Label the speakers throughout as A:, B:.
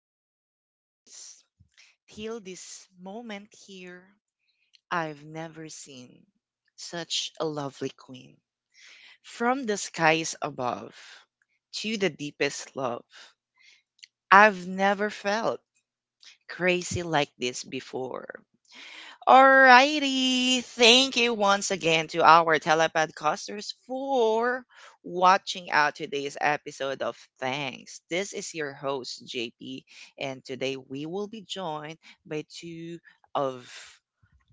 A: youngest years till this moment here, I've never seen such a lovely queen. From the skies above to the deepest love, I've never felt crazy like this before. Alrighty. Thank you once again to our telepodcasters for watching out today's episode of Thanks. This is your host, JP, and today we will be joined by two of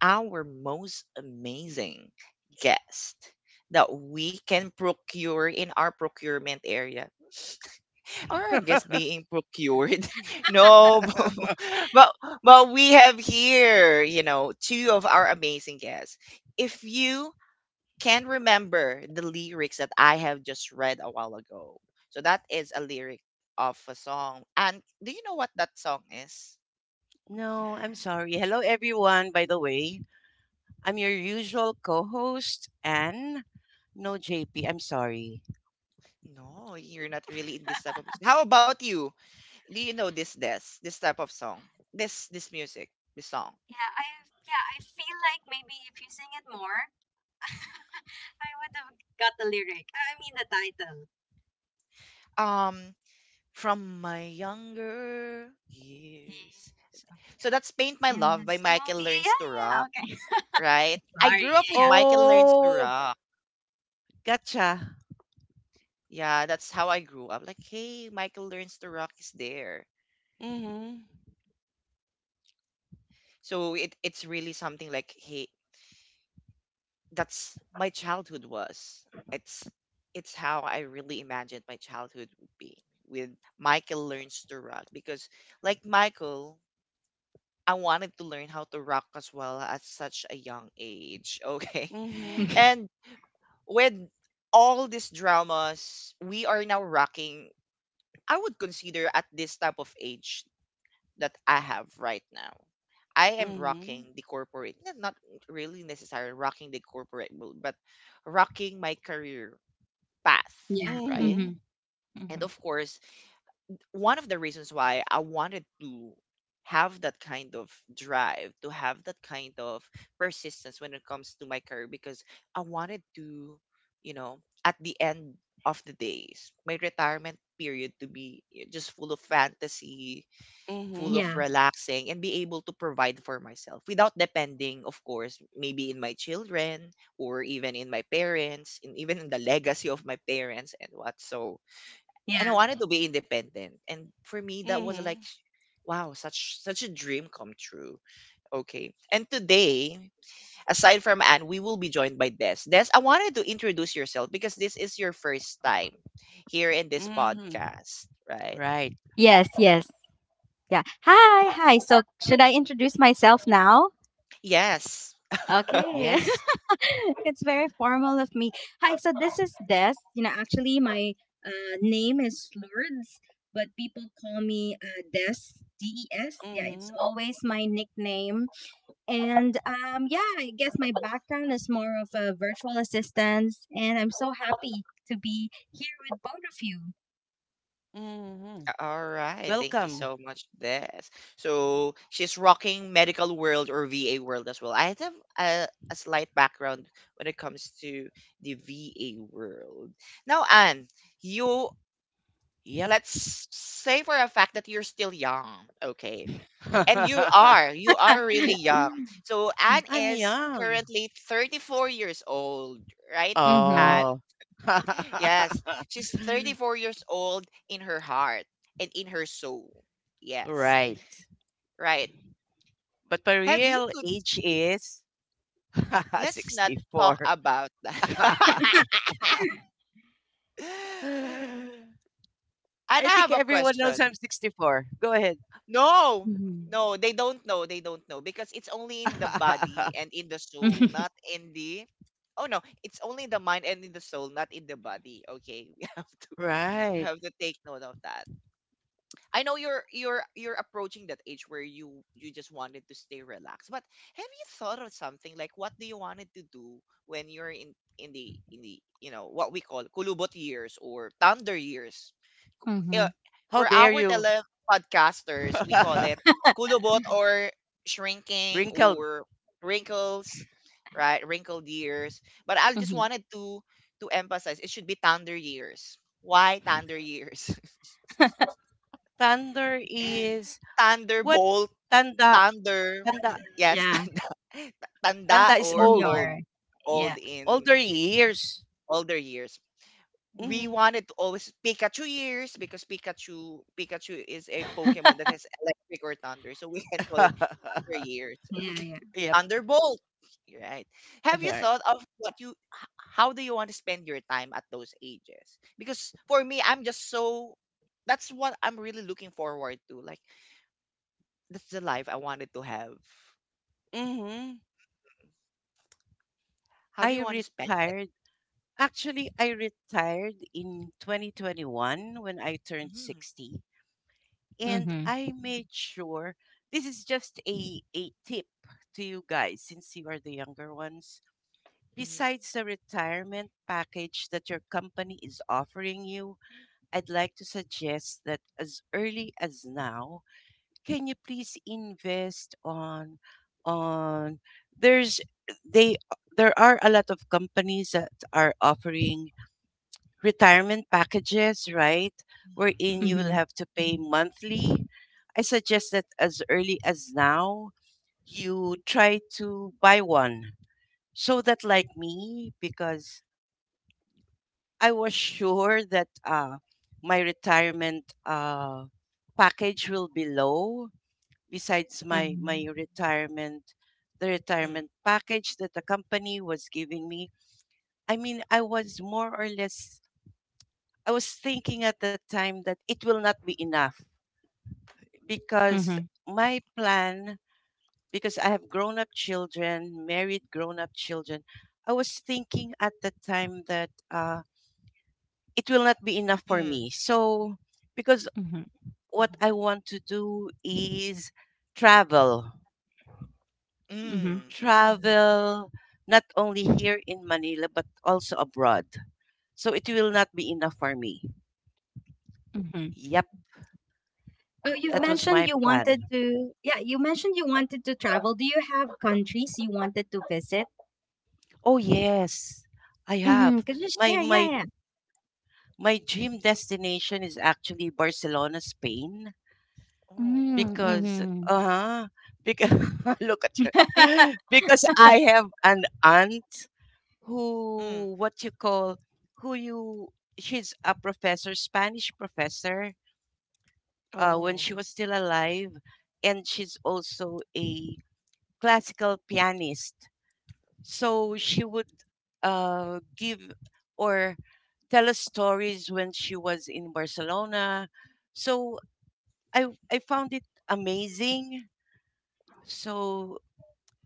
A: our most amazing guests that we can procure in our procurement area or I guess being procured. No, but but but we have here, two of our amazing guests. If you can remember the lyrics that I have just read a while ago, so that is a lyric of a song. And do you know what that song is?
B: No, I'm sorry. Hello, everyone, by the way. I'm your usual co host, Anne. No, JP, I'm sorry.
A: No, you're not really in this type of music. How about you? Do you know this type of song? This music, this song.
C: Yeah, I yeah, I feel like maybe if you sing it more, I would have got the lyric. I mean the title.
A: Um, from my younger years.
C: Yes,
A: So
C: okay.
A: that's Paint My
C: In
A: Love
C: the
A: by
C: smoke.
A: Michael Learns
C: Yeah,
A: to
C: yeah,
A: Rock,
C: okay.
A: right? I
C: Sorry.
A: grew up
C: Yeah,
A: with
C: yeah.
A: Michael Learns to
B: Oh,
A: Rock.
B: gotcha.
A: Yeah, that's how I grew up. Like, hey, Michael Learns to Rock is there.
B: Mm hmm.
A: So it's really something like, hey, that's my childhood was. It's it's how I really imagined my childhood would be with Michael Learns to Rock because like Michael, I wanted to learn how to rock as well at such a young age. Okay.
B: Mm hmm.
A: And with all these dramas we are now rocking, I would consider at this type of age that I have right now. I am
B: Mm
A: rocking the corporate, not really necessarily rocking the corporate world, but rocking my career path,
C: Yeah.
B: hmm.
A: right?
C: Mhm.
A: And
C: Mhm.
A: of course, one of the reasons why I wanted to have that kind of drive, to have that kind of persistence when it comes to my career, because I wanted to, you know, at the end of the days, my retirement period to be just full of fantasy,
B: Mm hmm. Mm hmm.
A: full of
C: Yeah.
A: relaxing, and be able to provide for myself without depending, of course, maybe in my children or even in my parents, and even in the legacy of my parents and what. So,
C: Yeah.
A: and I wanted to be independent. And for me, that
B: Mm
A: was like,
B: hmm.
A: wow, such a dream come true. Okay. And today, aside from Anne, we will be joined by Des. Des, I wanted to introduce yourself because this is your first time here in this
B: Mm hmm.
A: podcast, right?
B: Right.
C: Yes, yes. Yeah. Hi, hi. So, should I introduce myself now?
A: Yes.
C: Okay.
B: Yes.
C: It's very formal of me. Hi, so this is Des. You know, actually, my name is Lourdes, but people call me Des, Des.
B: Mm
C: Yeah, it's
B: hmm.
C: always my nickname. And yeah, I guess my background is more of a virtual assistant, and I'm so happy to be here with both
B: Mm hmm.
A: All right. Thank you
B: Welcome.
A: so much, Des. So she's rocking medical world or VA world as well. I have a slight background when it comes to the VA world. Now, Anne, you
B: Yep.
A: let's say for a fact that you're still young, okay? And you are,
C: of
A: you are really
C: you.
A: young. So Anne
B: I'm
A: is
B: young.
A: currently 34 years old, right?
C: mm-hmm.
A: Anne?
B: Oh.
A: Yes, she's 34 years old in her heart and in her soul. Yes,
B: Right.
A: right.
B: But my
A: Have you
B: real
A: could
B: age is
A: let's not talk
B: 64.
A: about that. And I
B: I think
A: have a
B: everyone knows
A: question.
B: I'm 64. Go ahead.
A: No,
C: Mm-hmm.
A: no, they don't know. They don't know because it's only in the body and in the soul, not in the. Oh no, it's only in the mind and in the soul, not in the body. Okay, we
B: Right.
A: have to take note of that. I know you're approaching that age where you just wanted to stay relaxed. But have you thought of something like what do you wanted to do when you're in the what we call kulubot years or thunder years?
C: Mm-hmm.
A: uh,
B: How
A: for
B: dare
A: our
B: you?
A: tele podcasters, we call it kulubot or shrinking
B: Wrinkled.
A: or wrinkles, right? Wrinkled years. But I just
C: Mm-hmm.
A: wanted to emphasize it should be thunder years. Why thunder years?
B: Thunder is what?
A: Thunderbolt,
B: Tanda.
A: thunder,
B: Tanda.
A: yes,
C: Yeah.
A: tanda, tanda
B: Tanda is
A: or
B: old.
A: old,
C: Senior. Yeah.
A: old in
B: Older years.
A: older years. We
B: Hmm.
A: wanted to always Pikachu years because Pikachu is a
C: Yeah,
A: Pokemon that has electric or thunder, so we can call it thunder years. Okay,
C: yeah.
B: Yep.
A: Thunderbolt. You're right. Have you
B: Right.
A: thought of what you h- How do you want to spend your time at those ages? Because for me, I'm just so that's what I'm really looking forward to. Like that's the life I wanted to have.
B: Hmm.
A: How do
B: I
A: you want to spend? It?
B: retired Actually, I retired in 2021 when I turned
A: Mhm,
B: 60, and
C: Mhm.
B: I made sure this is just a tip to you guys since you are the younger ones.
A: mhm,
B: Besides the retirement package that your company is offering you, I'd like to suggest that as early as now, can you please invest on there's they there are a lot of companies that are offering retirement packages, right?
A: mhm,
B: Wherein you
A: mhm,
B: will
C: Mhm.
B: have to pay monthly. I suggest that as early as now, you try to buy one. So that, like me, because I was sure that my retirement package will be low, besides my
C: Mhm.
B: retirement, the
A: mhm,
B: retirement package that the company was giving me. I mean, I was more or less I was thinking at the time that it will not be enough because
C: Mhm.
B: my plan, because I have grown up children, married grown up children, I was thinking at the time that it will not be enough for
A: mhm,
B: me. So, because
C: Mhm.
B: what I want to do is travel,
C: Mhm.
A: mhm.
B: travel not only here in Manila, but also abroad. So, it will not be enough for me.
C: Mhm.
B: Yep,
C: Oh, you've
B: that was
C: mentioned
B: my
C: you
B: plan.
C: wanted to, yeah, you mentioned you wanted to travel. Do you have countries you wanted to visit?
B: Oh yes, I have.
C: Mhm. Could you
B: My
C: share? Yeah,
B: my
C: yeah.
B: my dream destination is actually Barcelona, Spain,
C: Mhm.
A: Oh.
B: because
C: Mhm.
B: uh-huh, because look at you.
C: yeah.
B: Because I have an aunt
A: Mm.
B: who what you call who you she's a professor, Spanish professor, when she
A: Oh.
B: was still alive, and she's also a classical pianist. So she would give or tell us stories when she was in Barcelona. So I I found it amazing. So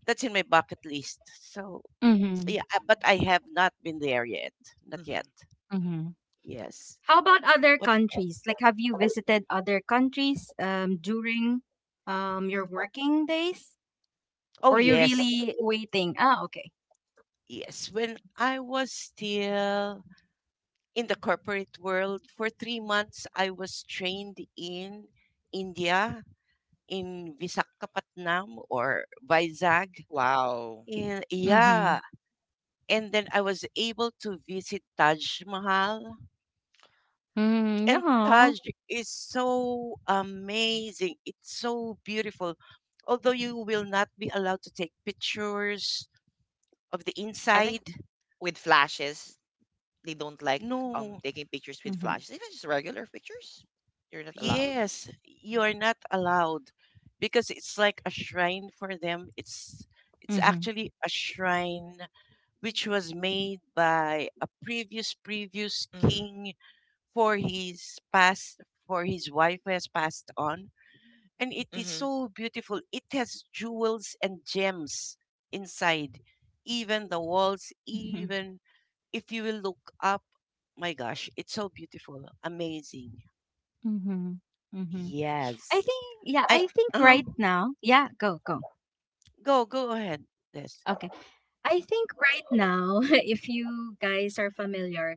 B: that's in my bucket list. So
C: Mhm.
B: yeah, but I have not been there yet. Not yet.
A: Hmm.
C: Mhm.
B: Yes.
C: How about other
B: What?
C: countries? Like, have you visited other countries during your working days?
B: Oh
C: Or you
B: yes,
C: really waiting? Ah, okay.
B: yes. When I was still in the corporate world for 3 months, I was trained in India in Visakapatnam or Vizag.
A: Wow.
B: And
C: Mhm.
B: yeah, and then I was able to visit Taj Mahal.
C: Mm,
B: And
C: yeah.
B: Taj is so amazing. It's so beautiful. Although you will not be allowed to take pictures of the
A: I think
B: inside.
A: with flashes, they don't like
B: No,
A: taking pictures with
C: Mhm.
A: flashes, even just regular pictures. You're not allowed.
B: yes, you are not allowed because it's like a shrine for them. It's actually a shrine which was made by a previous
A: Mm.
B: king for his past for his wife who has passed on, and it is
A: Mm-hmm.
B: so beautiful. It has jewels and gems inside, even the walls.
C: Mhm.
B: Even if you will look up, my gosh, it's so beautiful, amazing.
C: Mm-hmm. Mm-hmm.
B: Yes. i
C: I think
B: uh
C: right now, yeah, go.
B: go go ahead. Yes.
C: Okay. I think right now, if you guys are familiar,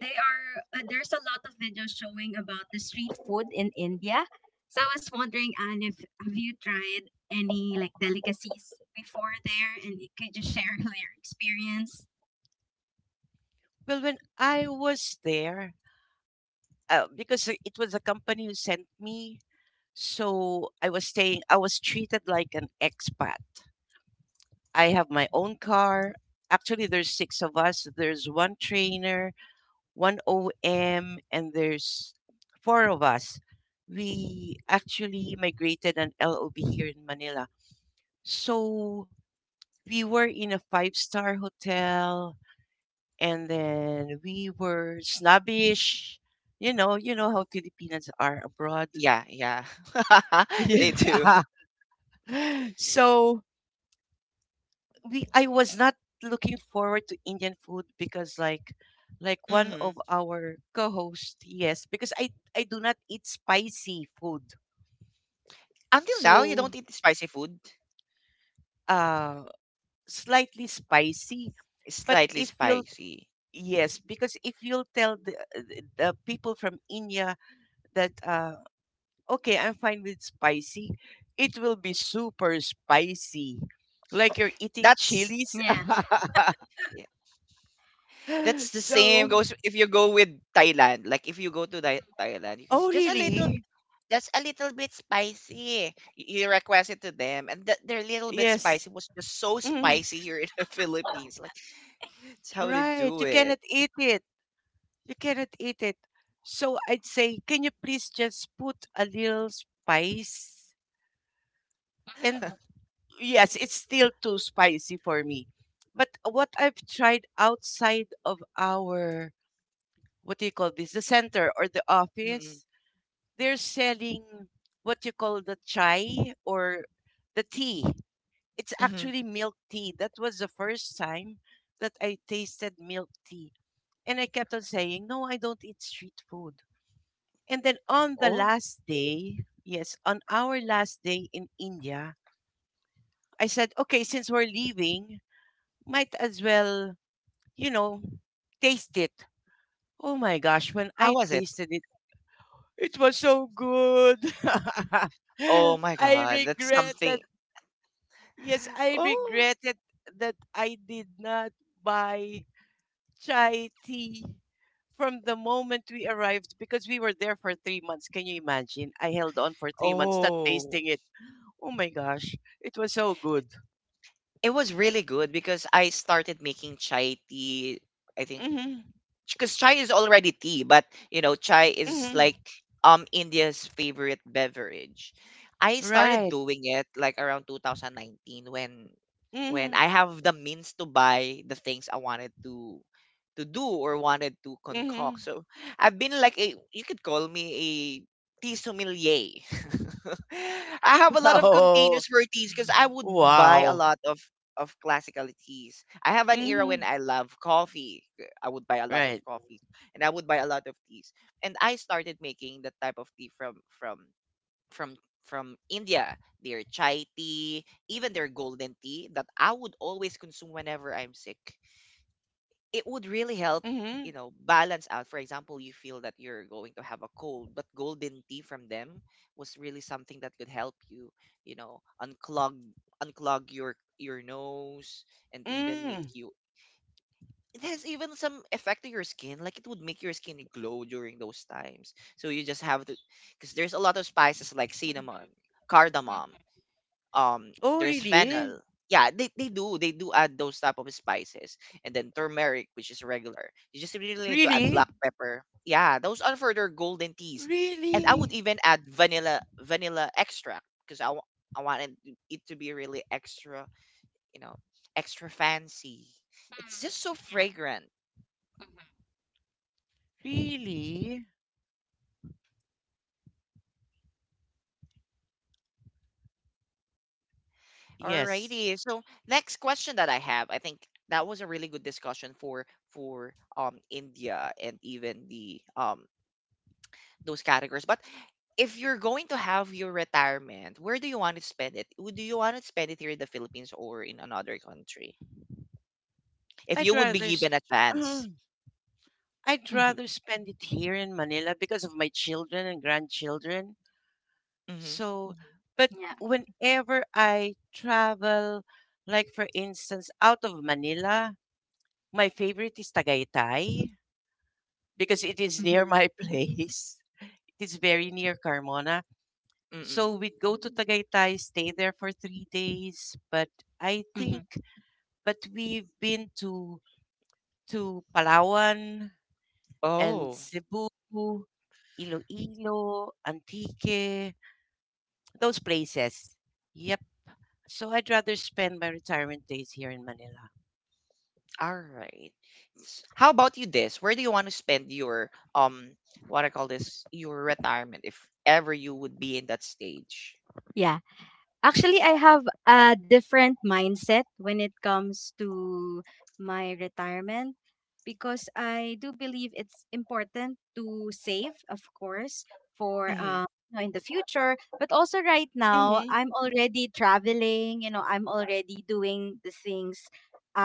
C: they are there's a lot of videos showing about the street food in India. So I was wondering, Anne, if have you tried any like delicacies before there, and you could just share your experience?
B: Well, when I was there, because it was a company who sent me. So I was staying, I was treated like an expat. I have my own car. Actually, there's six of us. There's one trainer, one OM, and there's four of us. We actually migrated an LOB here in Manila. So we were in a five-star hotel, and then we were snobbish. You know, how Filipinas are abroad.
A: Yeah, yeah. They do.
B: Yeah. so we I was not looking forward to Indian food because like one of
A: Hmm.
B: our co-hosts, yes, because I do not eat spicy food.
A: Until now, you
B: So
A: don't eat spicy food.
B: uh slightly spicy,
A: It's
B: but
A: slightly
B: if you'll
A: spicy.
B: yes, because if you'll tell the, the people from India that okay, I'm fine with spicy, it will be super spicy. Like you're eating
A: That's
B: chilies.
C: Yeah.
A: Yeah, that's the same
B: so,
A: goes if you go with Thailand. Like if you go to Thailand, you can
B: oh,
A: just a little.
B: really?
A: That's a little bit spicy. You request it to them, and that their little bit
B: Yes,
A: spicy was just so
B: Mm,
A: spicy here in the Philippines. Like, that's how they
B: right.
A: do
B: You
A: it.
B: cannot eat it. You cannot eat it. So I'd say, can you please just put a little spice? And yes, it's still too spicy for me. But what I've tried outside of our, what do you call this, the center or the
A: Mm-mm.
B: office, they're selling what you call the chai or the tea. It's
A: Hmm.
B: actually milk tea. That was the first time that I tasted milk tea. And I kept on saying, no, I don't eat street food. And then on the
A: Oh,
B: last day, yes, on our last day in India, I said, okay, since we're leaving, might as well, you know, taste it. Oh my gosh, when
A: how
B: I
A: was it?
B: tasted it, it was so good.
A: Oh my
B: I
A: God, that's something.
B: regretted, yes, I
A: Oh,
B: regretted that I did not buy chai tea from the moment we arrived because we were there for 3 months. Can you imagine? I held on for 3 months, not
A: oh.
B: tasting it. Oh my gosh, it was so good.
A: It was really good because I started making chai tea, I think
B: Hmm.
A: because chai is already tea, but you know, chai is like
B: Hmm.
A: India's favorite beverage. I started
B: Right.
A: doing it like around 2019 when when
B: Hmm.
A: I have the means to buy the things I wanted to do or wanted to concoct.
B: Hmm.
A: So I've been like a you could call me a tea sommelier. I have a lot of
B: Oh,
A: containers for teas because I would buy a
B: wow.
A: lot of classical teas. I have an era
B: Hmm.
A: when I love coffee. I would buy a lot of
B: Right.
A: coffees and I would buy a lot of teas. And I started making that type of tea from from India, their chai tea, even their golden tea that I would always consume whenever I'm sick. It would really help, you
B: Hmm.
A: know, balance out. For example, you feel that you're going to have a cold, but golden tea from them was really something that could help you, you know, unclog your nose and even make
B: Mm.
A: you it has even some effect to your skin. Like it would make your skin glow during those times. So you just have to, because there's a lot of spices like cinnamon, cardamom.
B: Oh,
A: There's
B: really?
A: fennel. Yeah, they do add those type of spices, and then turmeric, which is regular. You just really need to add black
B: Really?
A: pepper. Yeah, those are for their golden teas, and I would
B: Really?
A: even add vanilla extract because I wanted it to be really extra, you know, extra fancy. It's just so fragrant.
B: Really? Yes.
A: Alrighty. So next question that I have, I think that was a really good discussion for India and even the those categories. But if you're going to have your retirement, where do you want to spend it? Do you want to spend it here in the Philippines or in another country? If
B: I'd
A: you would be
B: rather. s-
A: given a
B: uh-huh.
A: chance.
C: Mm-hmm.
B: I'd
C: Mm-hmm. Yeah. Mm-hmm. Mm-hmm.
B: rather spend it here in Manila because of my children and grandchildren.
A: Mm-hmm.
B: So. Mhm. But
C: Yeah.
B: whenever I travel, like for instance, out of Manila, my favorite is Tagaytay because it is near
C: Mm-hmm.
B: my place. It is very near Carmona.
A: Mm-mm.
B: So we'd go to Tagaytay, stay there for 3 days. I think,
C: mm
B: but we've been to Palawan, and
A: Oh,
B: Cebu, Iloilo, Antique, those places. Yep. So I'd rather spend my retirement days here in Manila.
A: all right. How about you this? Where do you want to spend your what I call this your retirement if ever you would be in that stage?
C: Actually, I have a different mindset when it comes to my retirement because I do believe it's important to save, of course, for
A: Hmm.
C: you know, in the future. But also, right now,
B: Mhm.
C: I'm already traveling. You know, I'm already doing the things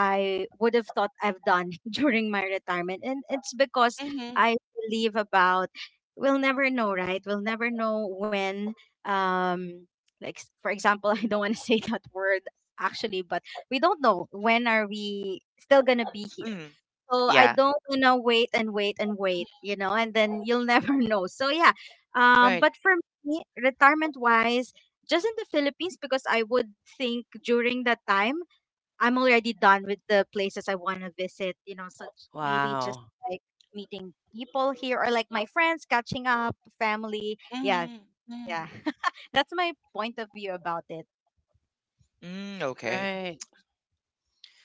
C: I would have thought I've done during my retirement, and it's because
B: Mhm.
C: I believe about. We'll never know, right? We'll never know when. Um, like for example I don't want to say that word actually but we don't know when are we still gonna be here
A: Hmm.
C: so I
A: Yeah.
C: don't wanna wait and wait and wait you know and then you'll never know so yeah
B: Right.
C: but for me retirement wise just in the Philippines because I would think during that time I'm already done with the places I want to visit you know such maybe just
B: Wow.
C: like meeting people here or like my friends catching up family yeah
B: Mhm. Mhm.
C: yeah. That's my point of view about it.
A: Mm, okay.
B: Right.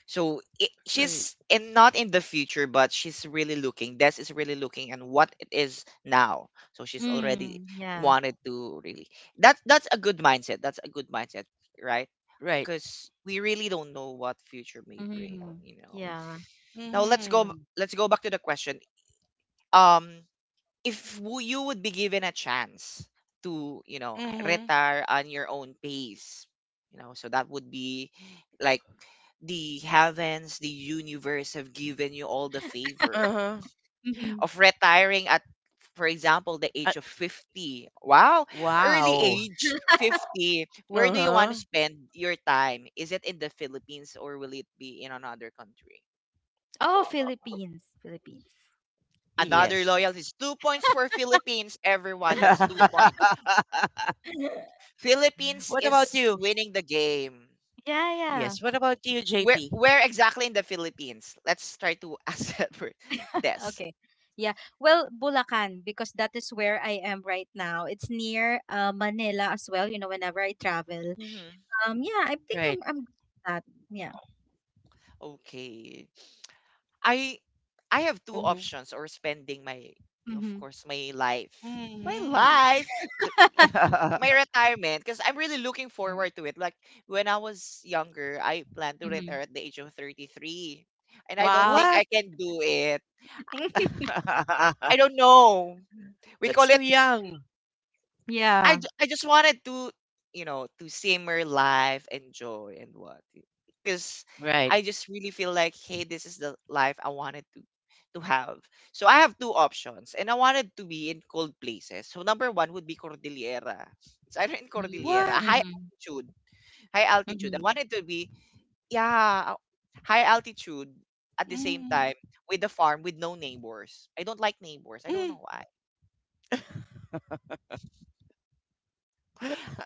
A: So it,
B: Right.
A: she's in not in the future, but she's really looking. Des is really looking and what it is now. So she's already
C: Mm, yeah.
A: wanted to really. That's a good mindset. That's a good mindset, right?
B: Right.
A: Because we really don't know what future may bring.
C: Mm,
A: You know.
C: yeah.
A: Now let's go.
B: Mhm.
A: Let's go back to the question. Um, if you would be given a chance to you know
B: Mhm.
A: retire on your own pace, you know, so that would be like the heavens, the universe have given you all the favor
B: Uh-huh.
C: hmm
A: of retiring at for example the age
B: Uh,
A: of 50, wow, early
B: wow.
A: age 50, where do you want
B: Uh-huh.
A: to spend your time? Is it in the Philippines or will it be in another country?
C: Oh, Philippines. Philippines.
A: Another
B: Yes.
A: loyalty is 2 points for Philippines, everyone. That's 2 points. Philippines
B: What about
A: is
B: you?
A: winning the game.
C: Yeah, yeah.
B: Yes. What about you,
A: Where
B: JP?
A: where exactly in the Philippines? Let's try to ask that first. Des.
C: Okay. Yeah. Well, Bulacan, because that is where I am right now. It's near Manila as well, you know, whenever I travel.
A: Mm-hmm.
C: Yeah, I think
B: Right.
C: I'm good at. That. Yeah.
A: Okay. I I have two
B: Mhm.
A: options or spending my of
C: Mm-hmm.
A: course my life. My
B: Mhm.
A: life, the, my retirement because I'm really looking
C: yeah.
A: forward to it. Like when I was younger, I planned to
C: Mm-hmm.
A: retire at the age of 33 and I
C: Wow.
A: don't think I
B: What?
A: can do it. I don't know. We
B: That's
A: call
B: too
A: it
B: young.
C: yeah.
A: I just wanted to, you know, to simmer life, enjoy, and what. Because
B: Right.
A: I just really feel like, hey, this is the life I wanted to have. So I have two options, and I wanted to be in cold places. So number one would be Cordillera. It's either in Cordillera,
C: Mm-hmm.
B: What?
A: high
C: Mm-hmm.
A: altitude, high altitude. I wanted to be, yeah, high altitude at the same
B: Mm,
A: time with the farm with no neighbors. I don't like neighbors. I don't
B: mm.
A: know why.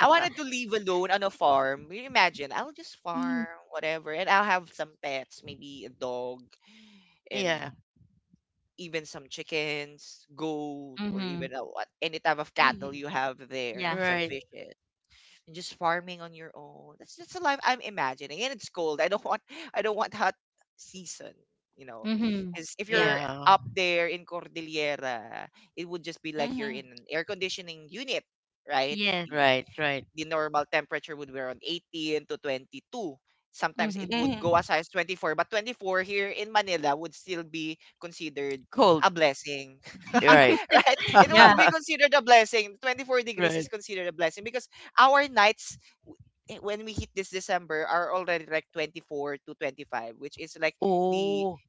A: I wanted to live alone on a farm. You imagine, I'll just
C: Mm-hmm.
A: farm, whatever, and I'll have some pets, maybe a dog and
B: Yeah.
A: even some chickens, goat, or
C: Mm-hmm.
A: even any type of cattle
B: Hmm.
A: you have there,
C: Yeah.
A: some
B: Right.
A: fishes, and just farming on your own. That's just a life I'm imagining, and it's cold. I don't want, I don't want hot season. You know,
C: Mm-hmm.
A: because if
C: Yeah.
A: you're
B: Yeah.
A: up there in Cordillera, it would just be like you're in
B: Hmm.
A: an air conditioning unit, right?
C: Yes.
B: Right. Right.
A: The normal temperature would be around 18 to 22. Sometimes
C: Mm-hmm.
A: it would go
B: Hmm.
A: as high as 24, but 24 here in Manila would still be considered
B: Cold.
A: a blessing.
B: Right.
A: Right? It would
C: yeah.
A: be considered a blessing. 24 degrees
B: Right.
A: is considered a blessing because our nights, when we hit this December, are already like 24 to 25, which is like the
B: Oh.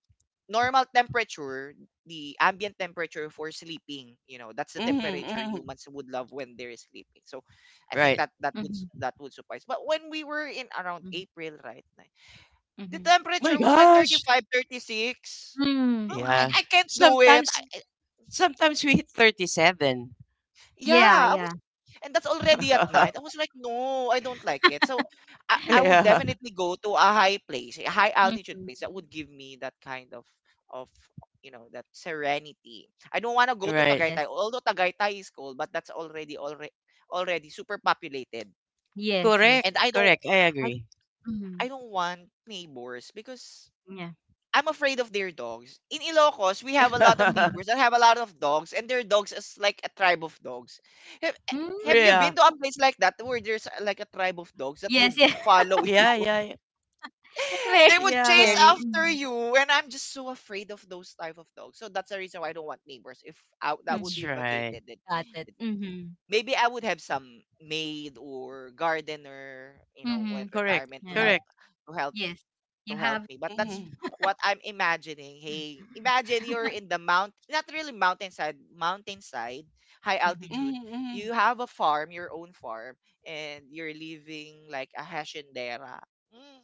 A: normal temperature, the ambient temperature for sleeping, that's the
B: Hmm.
A: temperature
B: Hmm.
A: humans would love when they're sleeping. So I think
B: Right.
A: that that would s-
C: Mm-hmm.
A: that would suffice. But when we were in around April, right? The
C: Mm-hmm.
B: My
A: temperature was like thirty
B: gosh.
A: five, 36.
C: Mm-hmm.
A: Oh, I,
B: Yeah.
A: I can't do it.
B: Sometimes, sometimes we hit 37.
C: Yeah.
A: Yeah, I was,
C: Yeah.
A: and that's already at night. I was like, "No, I don't like it." So, I would
B: Yeah.
A: definitely go to a high place, a high altitude place that
C: Mm-hmm.
A: would give me that kind of that serenity. I don't wanna go to
B: Right.
C: Yes.
A: Tagaytay, although Tagaytay is cold, but that's already super populated.
C: Yes. Yes.
A: And
B: Correct.
A: I don't
B: Correct. I
A: I
B: agree.
C: Mm-hmm.
A: I don't want neighbors because
C: Yeah.
A: I'm afraid of their dogs. In Ilocos, we have a lot of
C: Mm-hmm.
A: neighbors that have a lot of dogs, and their dogs is like a tribe of dogs. Have, eh, have you
B: Yeah.
A: been to a
C: Mm-hmm.
A: place like that where there's like a tribe of dogs that
C: Yes.
A: would
C: Yeah.
A: follow
B: Yeah.
A: you?
B: Yeah.
C: Very
A: They would chase
B: Yeah.
C: scary.
A: after you, and I'm just so afraid of those type of dogs. So that's the reason why I don't want neighbors. If I, That would
B: That's
A: be
C: Mm-hmm.
B: right.
A: vacated, then
C: Got it.
A: then
C: Mm-hmm.
A: maybe I would have some maid or gardener,
C: Mm-hmm.
A: when
B: Correct.
A: retirement to
C: Yeah.
B: Correct.
A: to help
C: Yes.
A: to
C: You
A: help
C: have.
A: me. But that's
B: Mhm.
A: what I'm imagining. Hey, imagine you're in the mount, not really mountainside, high
C: Mm-hmm.
A: altitude.
B: Mhm,
A: You
B: mhm.
A: have a farm, your own farm, and you're living like a haciendera. Mm.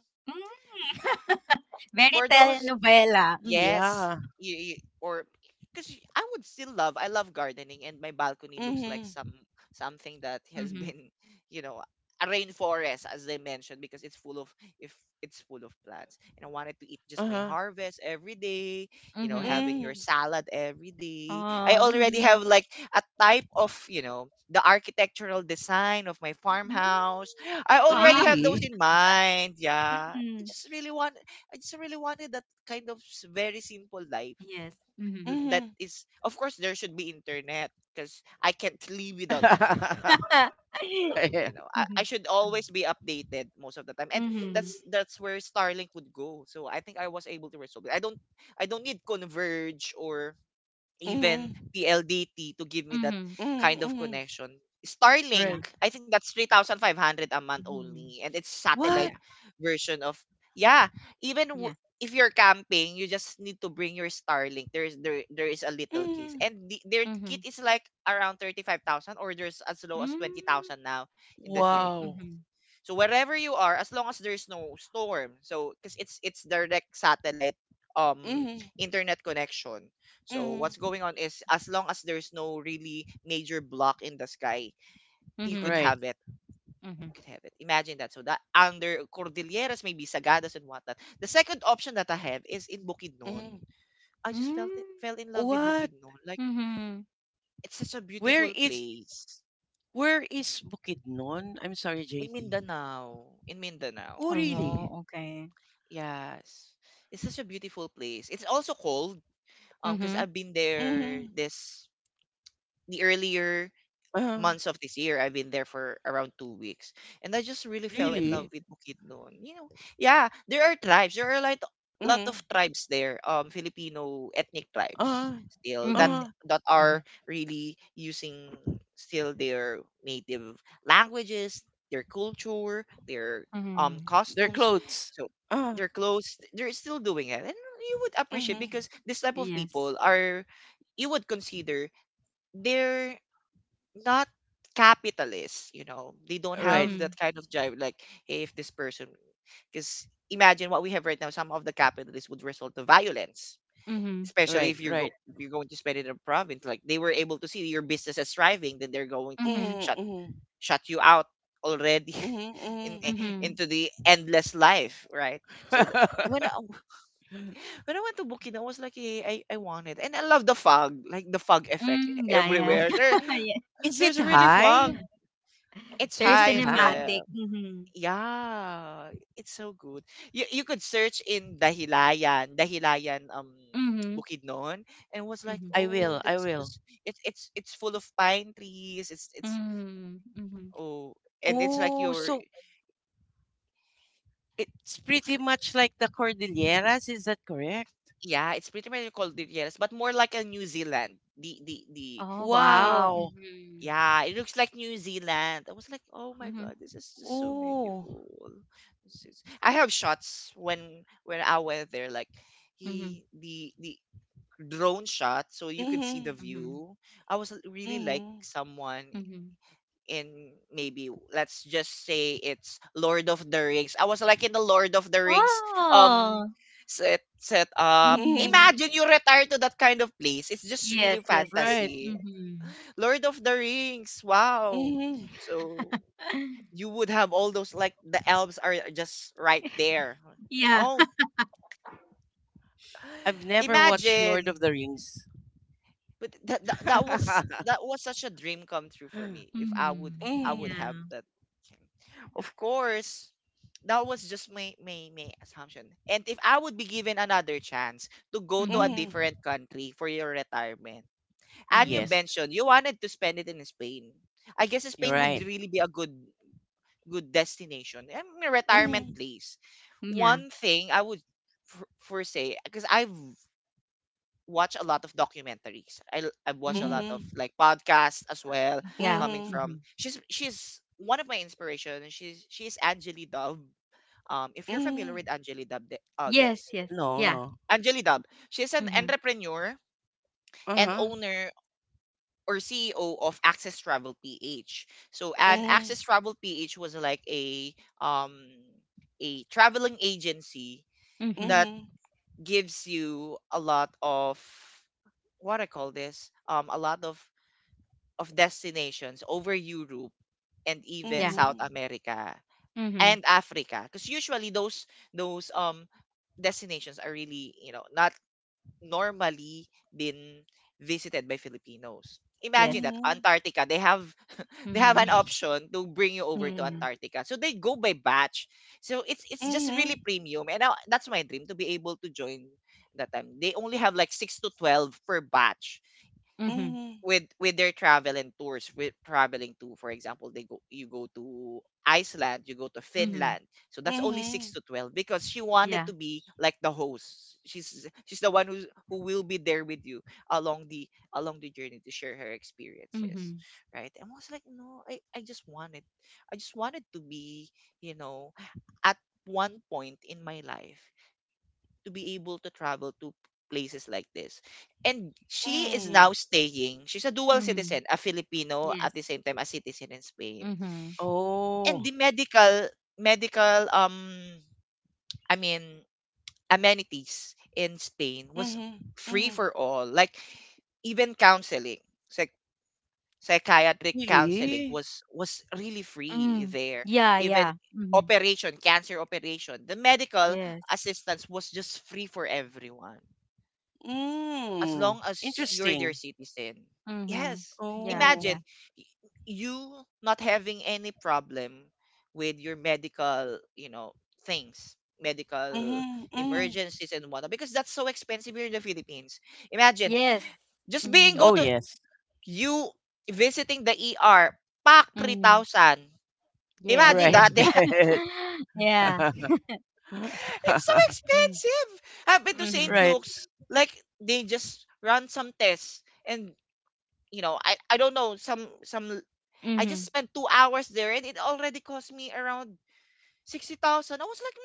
C: Mm-hmm. Very
A: For those
C: telenovela. Mm-hmm.
A: Yes.
B: Yeah.
A: You or because I would still love. I love gardening, and my balcony looks like some
B: Mhm.
A: something that has
C: Mm-hmm.
A: been, you know, a rainforest, as they mentioned, because it's full of if it's full of plants. And I wanted to eat just my
B: Uh-huh.
A: harvest every day. You know,
C: Mm-hmm.
A: having your
B: Mhm.
A: salad every day. I
C: Oh.
A: already
C: Mm-hmm.
A: have like a type of the architectural design of my farmhouse. I
C: Wow.
A: already have those
B: Really?
A: in mind. Yeah, I just really want. I just really wanted that kind of very simple life
C: Yes.
A: l-
C: Mhm.
A: that
B: Mhm.
A: is, of course, there should be internet because I can't live without internet you know
B: Yeah.
A: I, I should
C: Mhm.
A: always be updated most of the time, and
C: Mhm.
A: that's
C: Mhm.
A: that's where Starlink would go. So I think I was able to resolve it. I don't need converge or even
B: Mhm.
A: PLDT to give me that
B: Mhm,
A: kind of
B: mhm.
A: connection. Starlink,
C: Yeah.
B: Right.
A: I think that's 3,500 a month
C: Mhm.
A: only, and it's satellite
B: What?
C: Yeah.
A: version of, yeah, even
C: Yeah.
A: if you're camping, you just need to bring your Starlink. There is a little case.
B: Mhm.
A: And their kit
C: Mhm.
A: is like around 35,000, or there's as low as
C: Mm.
A: 20,000 now in the
C: Okay.
B: Wow.
A: Philippines.
C: Mhm.
A: So wherever you are, as long as there's no storm, so because it's direct satellite um
B: Mhm.
A: internet connection. So what's
B: Mhm.
A: going on is as long as there's no really major block in the sky, you could
C: Mhm.
B: Right.
A: have it.
C: Mhm.
A: Could have it. Imagine that. So that under Cordilleras, maybe Sagadas and whatnot. The second option that I have is in Bukidnon.
B: Mhm.
A: I just felt it,
C: Mm.
A: fell in love with
B: What?
A: Bukidnon. Like
C: Mhm.
A: it's such a
B: Where
A: beautiful
B: is
A: place
B: where is Bukidnon? I'm sorry,
A: in
B: JP.
A: Mindanao. In Mindanao.
B: Oh, really?
C: Oh, okay.
A: Yes. It's such a beautiful place. It's also cold because
C: Mhm.
A: I've been there
B: Mhm.
A: this the earlier
B: Uh-huh.
A: months of this year. I've been there for around 2 weeks, and I just really fell in love
B: Really?
A: with Bukidnon. Yeah, there are tribes. There are like lot of
B: Mhm.
A: tribes there. Filipino ethnic tribes
B: uh
A: still that
B: uh,
C: Mhm.
A: that are
C: Mhm.
A: really using still their native languages, their culture, their
C: Mhm.
B: Their
A: costumes.
B: clothes.
A: So
B: uh
A: their clothes, they're still doing it, and you would appreciate
B: Mhm.
A: because this type of
C: Yes.
A: people are, you would consider, they're not capitalists. They don't
B: Right.
A: have that
C: Mhm.
A: kind of drive. Like, hey, if this person, because imagine what we have right now, some of the capitalists would result to violence,
C: Mhm.
A: especially
B: Right.
A: if you're
B: Right.
A: go- if you're going to spend it in a province. Like, they were able to see your business as thriving, then they're going to
C: Mhm.
B: Mhm.
A: shut
B: Mhm.
A: shut you out already.
B: Mhm.
A: In,
B: Mhm.
A: i-
C: Mhm.
A: into the endless life, right? So when I, when I went to Bukidnon, I was like, hey, I want it, and I love the fog, like the fog effect
C: Mm. Yeah, yeah.
A: everywhere. There,
C: yeah.
B: Is it
A: there's really
B: high?
A: fog. It's
C: Very
B: Is
A: high
B: it
A: as
B: high?
C: cinematic.
A: well.
C: Mhm.
A: Yeah, it's so good. You could search in Dahilayan, Dahilayan
C: Mhm.
A: Bukidnon, and was like,
C: Mhm.
B: I
A: "Oh,
B: will. I will.
A: that's it's full of pine trees. It's
C: Mhm. Mhm.
A: Oh, and it's like
B: Oh,
A: your
B: so it's
A: it's l-
B: pretty much like the Cordilleras. Is that correct?
A: yeah, it's pretty much called Cordilleras, but more like a New Zealand.
C: Oh,
A: The
C: wow.
B: Wow.
C: Mhm.
A: Yeah, it looks like New Zealand. I was like, oh my
C: Mhm,
A: god, this is just so
B: Oh.
A: beautiful. I have shots when I went there, like
C: mhm,
A: he the drone shot, so you could see the
B: Mhm.
C: mhm,
A: view. I was really like
B: Mhm.
A: someone
C: mhm.
A: in, maybe let's just say, it's Lord of the Rings. I was like in the Lord of the Rings um
C: Oh.
A: set up.
C: Mhm.
B: Mhm.
A: Imagine you retire to that kind of place. It's just really
C: Yes, yes.
B: Right.
A: fantasy.
C: Mhm.
A: Lord of the Rings. Wow.
B: Mhm.
A: So you would have all those like the elves are just right there.
C: Yeah.
A: Oh,
B: I've never watched Lord of the
A: imagine.
B: Rings.
A: But that, that that was that was such a dream come true for me if I would
C: Mhm.
A: I would
B: Mhm.
A: have
C: Yeah.
A: that. Okay. Of course, that was just my assumption. And if I would be given another chance to go to a
C: Mhm.
B: Mhm.
A: different country for your retirement. And you
C: Mhm.
B: Yes,
A: mentioned you wanted to spend it in Spain. I guess
B: you're
A: Spain would
B: right.
A: really be a good good destination and a retirement
B: Mhm.
A: place.
C: Yeah.
A: One thing I would for say, because I've watched a lot of documentaries. I've watched a lot
C: Mhm.
A: of
B: Mhm.
A: like podcasts as well
C: Yeah.
A: coming
B: Mhm.
A: from,
C: Mhm.
A: she's one of my inspiration, and she's Angeli Dove. If you're familiar
B: Mm,
A: with Angeli Dove, Des.
C: Yes, yes.
B: no,
C: Yeah.
B: no.
A: Angeli Dove. She's an
C: Mhm.
A: entrepreneur and
B: Uh-huh.
A: owner or CEO of Access Travel PH. And
B: Mm,
A: Access Travel PH was like um a traveling agency
C: Mhm.
A: that
B: mhm,
A: gives you a lot of what I call this a lot of destinations over Europe and even
C: Yeah.
A: South
B: mhm,
A: America
C: Mhm.
A: and Africa, because usually those destinations are really, not normally been visited by Filipinos.
C: Yes.
A: Imagine that,
B: mhm,
A: Antarctica, they have an
C: Mhm.
A: option to bring you over to
C: Mhm.
A: Antarctica. So they go by batch. So it's just really
B: mhm,
A: premium, and that's my dream, to be able to join that time. They only have like 6 to 12 per batch
C: Mhm.
B: mhm,
A: with their travel and tours, with traveling to, for example, they go you go to Iceland, you go to
C: Mhm.
A: Finland. So that's only 6
B: mhm,
A: to 12 because she wanted
C: Yeah.
A: to be like the host. She's the one who will be there with you along the along the journey to share her experiences,
C: Mhm.
A: right? And I was like, no, I just wanted to be, you know at one point in my life, to be able to travel to places like this. And she is now
B: mm.
A: staying. She's a dual
C: Mhm.
A: citizen, a Filipino
C: Yes.
A: at the same time a citizen in Spain.
C: Mhm.
A: And
B: Oh.
A: the medical I mean amenities in Spain was
B: Mhm,
A: free
B: mhm.
A: for all. Like even counseling, psych- psychiatric counseling
B: Really?
A: was really free
C: Mm.
A: there.
C: Yeah,
A: Even
C: yeah. Mhm.
A: operation, cancer operation, the medical
C: Yes.
A: assistance was just free for everyone, as
B: Mm.
A: long as you're their
B: Interesting.
A: citizen.
C: Mhm.
A: Yes.
C: Yeah,
B: Oh.
C: yeah.
A: Imagine y- you not having any problem with your medical, things, medical
B: Mhm, mhm.
A: emergencies and whatnot, because that's so expensive here in the Philippines. Imagine
C: Yes.
A: just being
C: Mm-hmm.
A: go
B: Oh,
A: to
B: yes.
A: you visiting the ER, pack
C: Mm-hmm.
A: 3,000.
C: Yes,
A: Imagine
C: yes.
A: that.
B: Right.
C: Yeah.
A: It's so expensive. I've been to St.
C: Mm-hmm.
B: Right.
A: Luke's. Like, they just run some tests and I don't know some I just
C: Mm-hmm.
A: spent 2 hours there, and it already cost me around 60,000. I was like,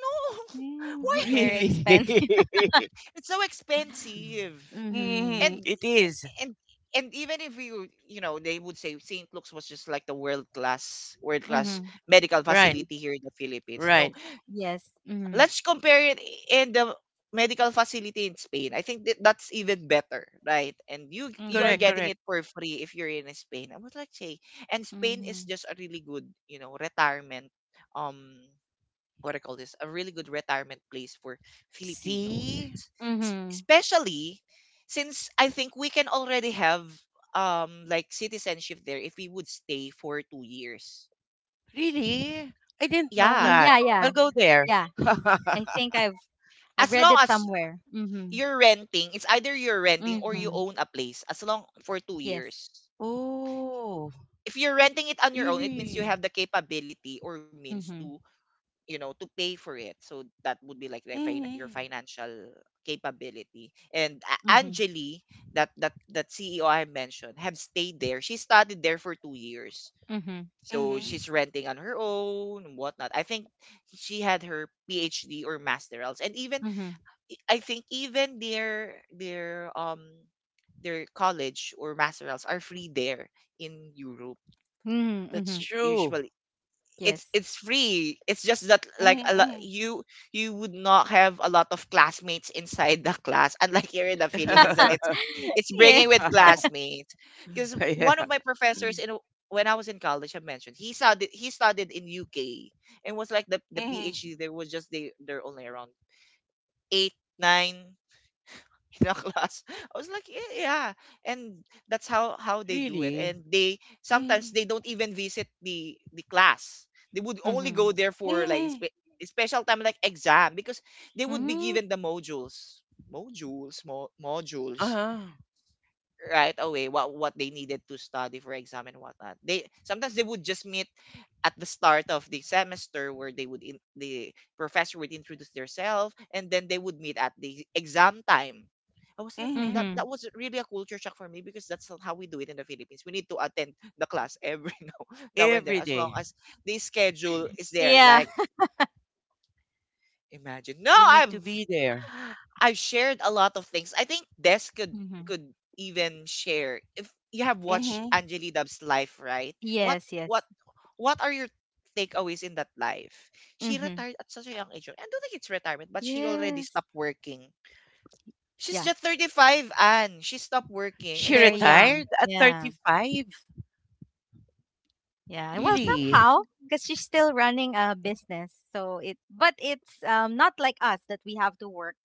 A: no.
C: Yes,
A: Why
C: very
B: Really.
C: expensive.
A: it's so expensive.
C: Mm-hmm.
B: Mm,
A: and
B: it is.
A: and and even if you you know they would say St. Luke's was just like the world class
C: Mm-hmm.
A: medical
B: Right,
A: facility here in the Philippines. No,
B: right.
C: Yes. Mm-hmm.
A: let's compare it in the medical facility in Spain. I think that that's even better, right? And you are
B: Correct,
C: Mm-hmm.
A: getting
B: correct.
A: it for free if you're in Spain, I would like to say. And Spain is
C: Mm-hmm.
A: just a really good, you know, retirement um what do I call this, a really good retirement place for Filipinos,
B: See?
C: Mm-hmm.
A: Especially since I think we can already have like citizenship there if we would stay for 2 years.
B: Really? I didn't know
A: Yeah,
C: Mm,
B: that.
C: yeah,
B: I'll
C: yeah.
B: go there.
C: Yeah. I think I've
A: as
C: read
A: long
C: it
A: as
C: somewhere. Mm-hmm.
A: you're renting, it's either you're renting or you
C: Mm-hmm.
A: own a place as long for two
C: Yes.
A: years.
B: Oh,
A: If you're renting it on your own, it means you
B: really?
A: have the capability or means to,
C: Mm-hmm.
A: you know, to pay for it. So that would be like the your
B: Mm-hmm.
A: financial capability. And
C: Mm-hmm.
A: Angeli, that CEO I mentioned, have stayed there. She studied there for 2 years.
C: Mm-hmm.
A: So
B: Mm-hmm.
A: she's renting on her own, whatnot. I think she had her PhD or masterals. And even
C: Mm-hmm.
A: I think even their their college or masterals are free there in Europe.
C: Mm-hmm.
B: That's
C: Mm-hmm.
B: true.
A: Usually, it's
C: Yes.
A: it's free. It's just that, like, a lot,
B: Mm-hmm.
A: you would not have a lot of classmates inside the class, unlike here in the Philippines that it's
C: yeah.
A: bringing with classmates. Because
B: Yeah.
A: one of my professors in, when I was in college, I mentioned he studied in UK, and was like the
B: Mm-hmm.
A: PhD there was just, they they're only around 8, 9 in a class. I was like, yeah, yeah. And that's how they do it.
B: Really?
A: And they sometimes
B: Mm-hmm.
A: they don't even visit the class. They would only
C: Mm-hmm.
A: go there for like
B: Mm-hmm.
A: special time like exam, because they would be
C: Mm-hmm.
A: given the modules, modules
B: Uh-huh.
A: right away, what they needed to study for exam and whatnot. They sometimes they would just meet at the start of the semester, where the professor would introduce themselves, and then they would meet at the exam time. I was like, oh,
B: Mm-hmm.
A: that
C: Mm-hmm.
A: that was really a culture shock for me, because that's not how we do it in the Philippines. We need to attend the class every now and then,
B: Every
A: as long
B: day.
A: as the schedule is there.
C: Yeah.
A: Like imagine. No,
B: You need to be there.
A: I've shared a lot of things. I think Des
C: Mm-hmm.
A: could even share if you have watched
B: Mm-hmm.
A: Angeli Dub's life, right? What
C: Yes,
A: what
C: yes.
A: what are your takeaways in that life? She
C: Mm-hmm.
A: retired at such a young age. I don't think it's retirement, but she already
C: Yes.
A: stopped working. She's
C: Yeah.
A: just 35 and she stopped
C: It's
A: working,
B: She
A: and she
C: very
A: was like,
C: young.
B: retired at
C: Yeah.
B: 35?
C: Yeah, well,
B: Really?
C: somehow, because she's still running a business, so it. But it's not like us that we have to work,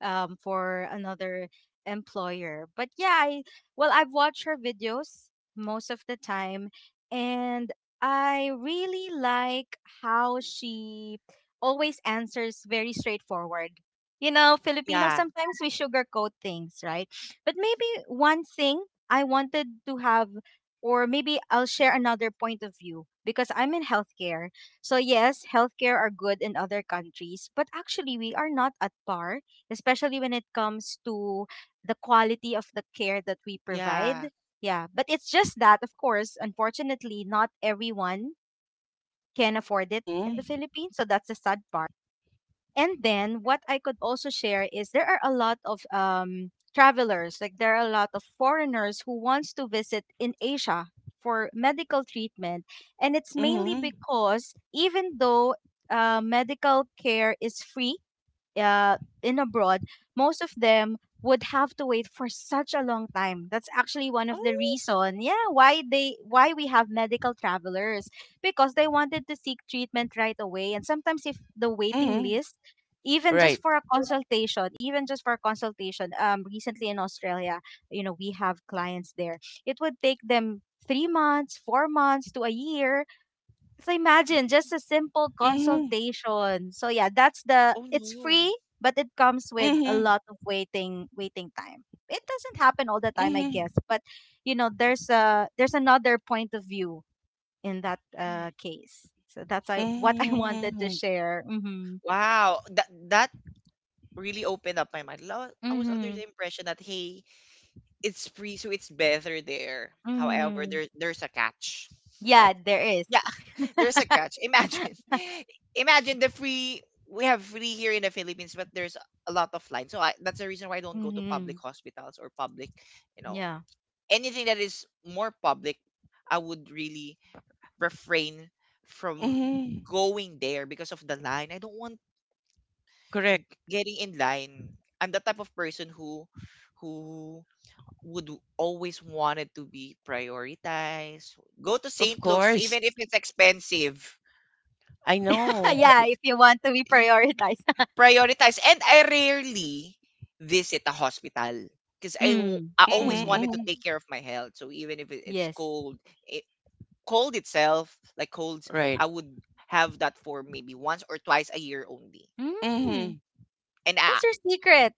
C: for another employer. But yeah, I well I've watched her videos most of the time, and I really like how she always answers very straightforward. You know, Filipino
A: yeah,
C: sometimes we sugarcoat things, right? But maybe one thing I wanted to have or maybe I'll share another point of view because I'm in healthcare. So yes, healthcare are good in other countries, but actually we are not at par, especially when it comes to the quality of the care that we provide.
A: yeah.
C: Yeah, but it's just that of course, unfortunately, not everyone can afford it in the
B: Mm-hmm.
C: Philippines, so that's the sad part. And then what I could also share is there are a lot of travelers, like there are a lot of foreigners who wants to visit in Asia for medical treatment, and it's mainly
B: Mm-hmm.
C: because even though medical care is free uh, in abroad, most of them would have to wait for such a long time. That's actually one of the
A: Oh,
C: reason, yeah, why we have medical travelers because they wanted to seek treatment right away. And sometimes if the waiting
B: Mm-hmm.
C: list,
B: Right.
C: even just for a consultation, recently in Australia, you know, we have clients there. It would take them 3 months, 4 months to a year so imagine
A: mm,
C: just a simple
B: Mm-hmm.
C: consultation. So yeah, that's the
A: oh
C: it's
A: no.
C: free, but it comes with a
B: Mm-hmm.
C: lot of waiting time. It doesn't happen all the time, I guess,
B: Mm-hmm.
C: but you know, there's another point of view in that
A: Hmm.
C: case. So that's I what I wanted to
B: Mm-hmm.
C: share. Mhm.
A: Wow, that that really opened up my mind. I was under
C: Mhm.
A: the impression that, hey, it's free, so it's better there. However,
C: Mhm.
A: there there's a catch. Like,
C: Yeah, there is.
A: yeah, there's a catch. Imagine, imagine the free. We have free here in the Philippines, but there's a lot of line. So I, that's the reason why I don't go to public
C: mhm.
A: hospitals or public, you know,
C: Yeah.
A: anything that is more public. I would really refrain from
B: Mhm.
A: going there because of the line. I don't want
B: Correct.
A: getting in line. I'm the type of person who would always wanted to be prioritized. Go to
B: Of
A: St. Luke's
B: course.
A: even if it's expensive.
B: I know.
C: yeah, if you want to be prioritized.
A: Prioritize. And I rarely visit a hospital because I,
C: mm.
A: I always
B: Mhm.
C: Mm.
A: wanted
B: Mhm.
A: to take care of my health. So even if it's
C: Yes.
A: cold, it, cold itself, like colds,
B: Right.
A: I would have that for maybe once or twice a year only.
C: Mm.
B: Mhm.
A: And
C: What's your secret?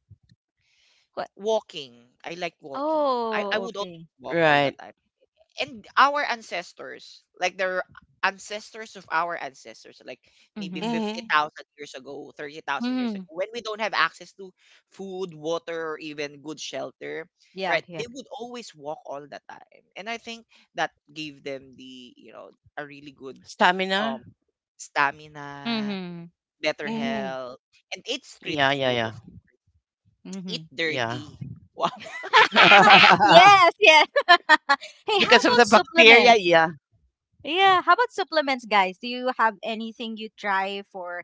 C: What?
A: walking, I like walking. I
C: Oh,
A: would
C: okay.
A: always walk all the
B: Right.
A: time. And our ancestors, like the ancestors of our ancestors, like maybe
C: Mm-hmm.
B: Mhm.
A: 50,000 years ago, 30,000 years ago,
C: Mm-hmm.
A: when we don't have access to food, water, or even good shelter,
C: Yeah,
A: right?
C: yeah.
A: They would always walk all the time. And I think that gave them the, you know, a really good
B: Stamina.
A: um stamina,
C: Mm-hmm.
A: better
B: Mhm.
A: health, and eat street
B: Yeah, yeah,
A: food.
B: yeah.
A: Of Eat
C: Mm-hmm.
B: Yeah.
A: dirty. Wow.
C: Yes, yes. hey, how
B: because of
C: about
B: the bacteria,
C: supplements?
B: yeah.
C: Yeah, how about supplements, guys? Do you have anything you try for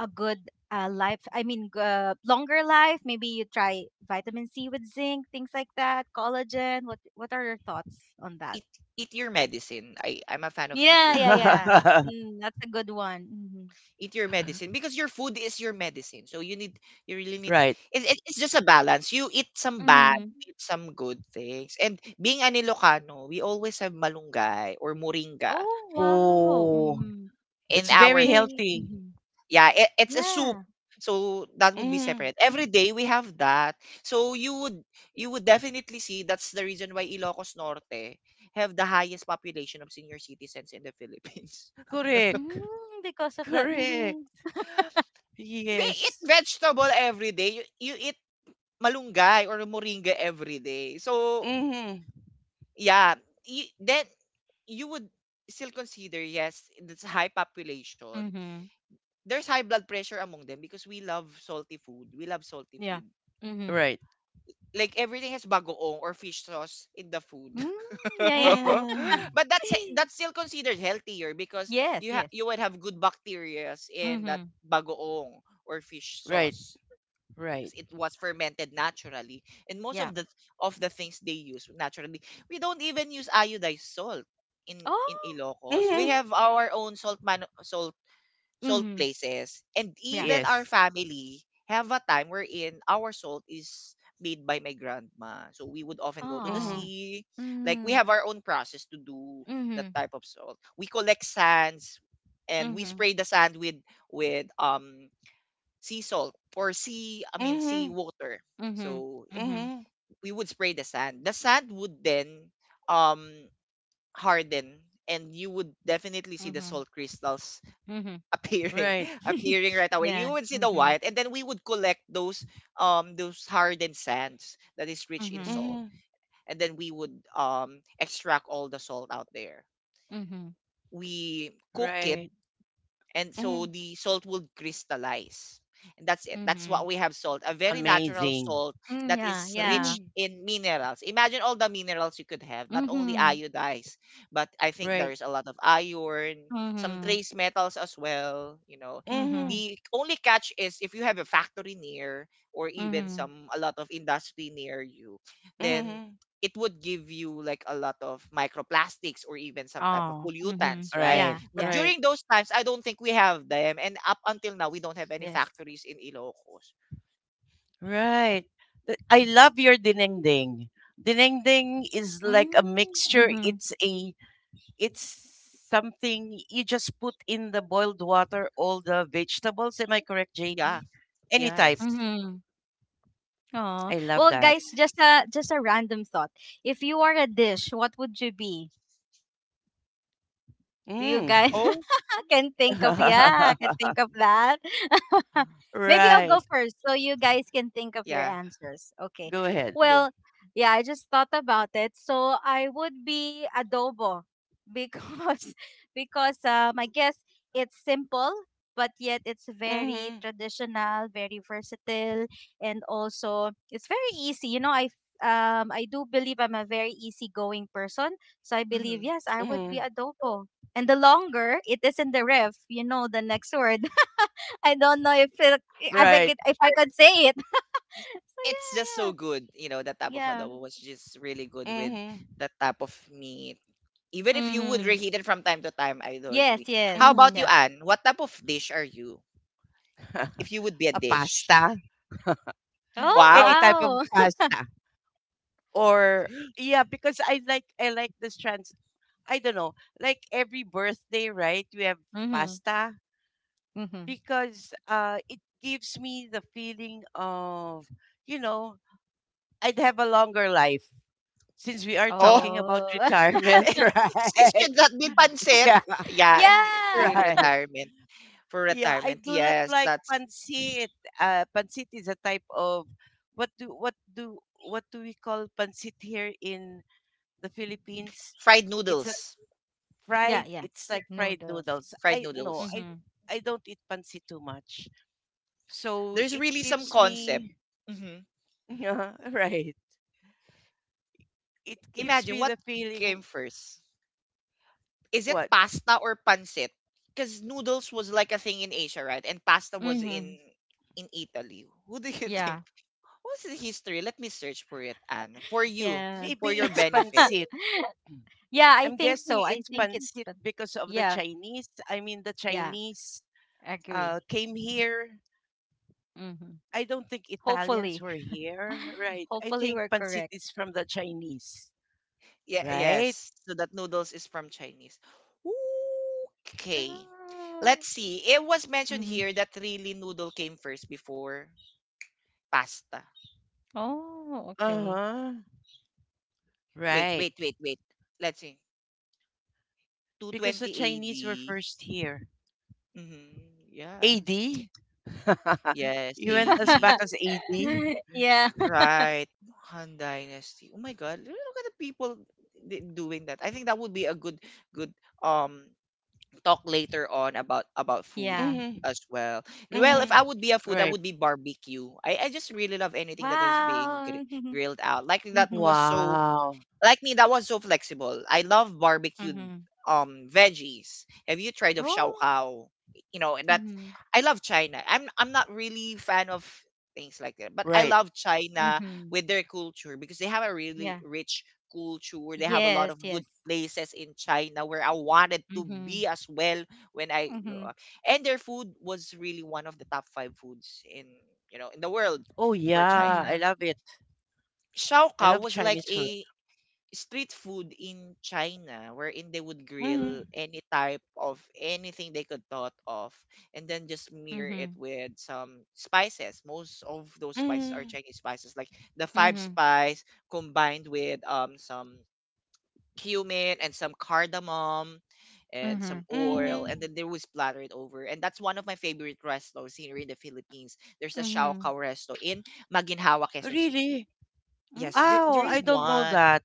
C: a good life? I mean, longer life. Maybe you try vitamin C with zinc, things like that, collagen. What are your thoughts on that?
A: eat Eat your medicine. I'm a fan of eat
C: Yeah,
A: your
C: yeah,
A: medicine.
C: yeah. Mm, that's a good one. Mm-hmm.
A: Eat your medicine because your food is your medicine. So you need, you really need.
B: Right.
A: It's just a balance. You eat some bad,
C: Mm-hmm.
A: eat some good things. And being an Ilocano, we always have malunggay or moringa
C: Oh wow.
B: Oh,
A: in
B: that's
A: our
B: very
A: dish.
C: Hey
B: healthy.
C: mhm.
A: Yeah, it's a soup.
C: Yeah.
A: So that would be
B: Mhm.
A: separate. Every day we have that. So you would definitely see that's the reason why Ilocos Norte have the highest population of senior citizens in the Philippines.
B: Correct.
C: Mm, because of that.
B: Correct.
C: Mm-hmm.
A: They eat
B: Yes.
A: vegetable every day. You eat malunggay or moringa everyday. So,
B: Mhm.
A: yeah, then you would still consider, yes, it's a high population.
C: Mm-hmm.
A: There's high blood pressure among them because we love salty food. We love salty
C: Yeah.
A: food.
C: Mm-hmm.
B: Right.
A: Like everything has bagoong or fish sauce in the food.
C: Mm, yeah, yeah.
A: But
B: Mhm.
A: that's still considered healthier, because
C: yes, yes.
A: you would have good bacteria in that
C: Mm-hmm.
A: bagoong or fish
B: Right.
A: sauce. Because
B: Right.
A: it was fermented naturally, and most
C: Yeah.
A: of the things they use naturally, we don't even use iodized salt. In
C: Oh.
A: Ilocos we
C: Mm-hmm.
B: Mhm.
A: have our own salt, man, salt
C: Mm-hmm.
A: places. And
C: Yeah.
A: even our
B: Yes.
A: family have a time wherein our salt is made by my grandma, so we would often go to the
C: Oh.
B: Mhm.
A: sea, like we
C: Mm-hmm.
A: have our own process to do that
C: Mm-hmm.
A: type of salt. We collect sands, and we
C: Mm-hmm.
A: spray the sand with with sea salt, or sea I mean sea
B: Mhm.
A: water.
C: Mm-hmm.
A: So
C: Mm-hmm.
B: Mm-hmm.
A: we would spray the sand. The sand would then um harden, and you would definitely see the
C: Mm-hmm.
A: salt crystals
C: Mm-hmm.
A: appearing
B: Right.
A: appearing right away.
C: yeah.
A: You would see the
C: Mm-hmm.
A: white, and then we would collect those hardened sands that is rich in
C: Mm-hmm.
A: salt,
B: Mm-hmm.
A: and then we would extract all the salt out there.
C: Mm-hmm.
A: We cook it,
B: Right.
A: and
B: Mm-hmm.
A: so the salt would crystallize, and that's it. That's
C: Mm-hmm.
A: what we have salt, a very natural
B: Amazing.
A: salt
C: Mm,
A: that
C: yeah,
A: is
C: yeah.
A: rich
B: Mm-hmm.
A: in minerals. Imagine all the minerals you could have, not only
C: Mm-hmm.
A: iodized, but I think
B: Right.
A: there's a lot of iron, some
C: Mm-hmm.
A: trace metals as well, you know.
C: Mm-hmm.
B: Mm-hmm.
A: The only catch is if you have a factory near, or even
C: Mm-hmm.
A: some a lot of industry near you, then
B: Mm-hmm.
A: it would give you like a lot of microplastics or even some type of
C: Oh. Mm-hmm.
A: pollutants, right?
C: Yeah,
B: Right.
A: But
C: yeah.
B: Right.
A: during those times, I don't think we have them, and up until now, we don't have any
C: Yes.
A: factories in Ilocos.
B: Right. I love your dinengding. Dinengding is like a
C: Mm,
B: mixture.
C: mhm.
B: It's something you just put in the boiled water all the vegetables. Am I correct,
A: Yeah.
B: JB? Any type.
A: Yes.
C: Mhm. Oh.
B: I love
C: Well,
B: that.
C: guys, just a random thought. If you are a dish, what would you be? Do you
B: Mm.
C: guys
A: Oh,
C: can think of yeah, can think of that? Maybe I'll go
B: Right.
C: first so you guys can think of your
A: yeah.
C: answers. Okay.
B: Go ahead.
A: Go.
C: Well, yeah, I just thought about it. So I would be adobo because because I guess it's simple but yet it's very
B: Mm-hmm.
C: traditional, very versatile and also it's very easy. You know, I do believe I'm a very easygoing person. So I believe
A: Mhm.
C: yes, I would
B: Mm-hmm.
C: be adobo and the longer it is in the ref, you know the next word. I don't know if it,
B: Right.
C: if I could say it. So
A: It's just so
C: yeah,
A: good. You know, that type of
C: yeah, yeah.
A: adobo was just really good with
B: Mhm,
A: that type of meat. Even if you would
C: Mm-hmm.
A: reheat it from time to time, I do
C: Yes,
A: agree.
C: yes,
A: How about you,
B: mhm.
C: yeah.
A: Anne? What type of dish are you? If you would be a
B: A
A: dish.
B: pasta?
C: Oh
B: Any
A: Wow.
B: type of
C: wow.
B: pasta? Or yeah, because I like this trans I don't know, like every birthday, right? We have
C: Mm-hmm.
B: pasta
C: Mm-hmm.
B: because it gives me the feeling of, you know, I'd have a longer life since we are
A: Oh,
B: talking about
C: Oh
B: retirement,
A: it
B: right?
A: should not be pancit.
B: Yeah,
A: Yeah, in
C: yeah,
B: right.
A: retirement. For
B: Yeah,
A: retirement,
B: I do not
A: yes,
B: like
A: that's
B: pancit. Pancit is a type of what do we call pancit here in the Philippines?
A: fried
B: It's like
A: noodles.
C: yeah, yeah.
B: It's like fried
C: Noodles.
B: noodles.
A: Fried
B: I no,
A: noodles.
C: Mm-hmm.
B: I don't eat pancit too much, so
A: There's
B: it
A: really some
B: gives
A: concept.
B: me
A: Mhm.
B: yeah right. It gives
A: Imagine
B: me
A: what
B: the feeling.
A: came first. Is it
B: What
A: pasta or pancit? Because noodles was like a thing in Asia, right? And pasta was
C: Mm-hmm.
A: in Italy. Who do you
C: Yeah,
A: think? What's the history? Let me search for it, Anne. For you,
C: yeah.
A: for
B: Maybe
A: your
B: it's
A: benefit.
B: pancit.
C: yeah, I
B: I'm
C: think so.
B: guessing
C: I
B: it's
C: think it's
B: pancit
C: but
B: because of the
C: yeah,
B: Chinese. I mean the
C: yeah,
B: Chinese
C: agree.
B: came here.
C: Mm-hmm.
B: I don't think Italians
C: Hopefully,
B: were here, right? I
C: hopefully
B: think
C: we're
B: pancit
C: correct.
B: is from the Chinese,
A: Yeah,
B: right?
A: yes. So that noodles is from Chinese. Okay.
C: Mm.
A: Let's see. It was mentioned
C: Mhm.
A: here that really noodle came first before pasta.
C: Oh,
B: Uh
C: okay.
B: huh.
A: Wait,
B: Right.
A: wait, wait, wait. Let's see.
B: Because the
A: 220 AD.
B: Chinese were first here.
A: Mm-hmm. Yeah.
B: AD? You
A: Yes,
B: went as back
A: AD.
B: as AD?
C: Yeah.
A: Right. Han Dynasty. Oh my God. Look at the people doing that. I think that would be a good good um talk later on about food
B: Mm
C: Yeah.
B: hmm.
A: as well. And,
B: Mm
A: well, if I
B: hmm.
A: would be a food, that
B: Right.
A: would be barbecue. I just really love anything that is being
C: Wow.
A: grilled out. Like that
C: Mm-hmm.
A: was so,
B: Wow.
A: like me, that was so flexible. I love barbecued
C: Mm-hmm.
A: veggies. Have you tried of shao
C: Oh.
A: kao? You know, and that,
C: Mm-hmm.
A: I love China. I'm not really fan of things like that, but I
B: Right.
A: love China
C: Mm-hmm.
A: with their culture, because they have a really
C: Yeah.
A: rich culture. They have a lot
C: Yes,
A: of
C: yes.
A: good places in China where I wanted to
C: Mm-hmm.
A: be as well when I grew
C: Mm-hmm.
A: up. And their food was really one of the top 5 foods in, you know, in the world
B: Oh,
A: for
B: yeah.
A: China.
C: Mm-hmm.
B: I love it.
A: Shao
B: I
A: Kao
B: love
A: was like
B: Chinese food.
A: a street food in China wherein they would
B: Mm
A: grill
B: hmm.
A: any type of anything they could thought of, and then just smear it
C: Mm-hmm.
A: with some spices. Most of those
B: Mm
A: spices are
B: hmm.
A: Chinese spices, like the five
C: Mm-hmm.
A: spice combined with some cumin and some cardamom and
C: Mm-hmm.
A: some oil, and
B: Mm
A: then they would splatter it over. And that's one of my favorite restos here in the Philippines. There's a Shao
C: Mm-hmm.
A: Kao resto in Maginhawa,
B: hmm.
A: Quezon City.
B: Really?
A: Yes, there
B: Oh,
C: Mm-hmm.
A: is
B: I don't know
A: one.
B: that.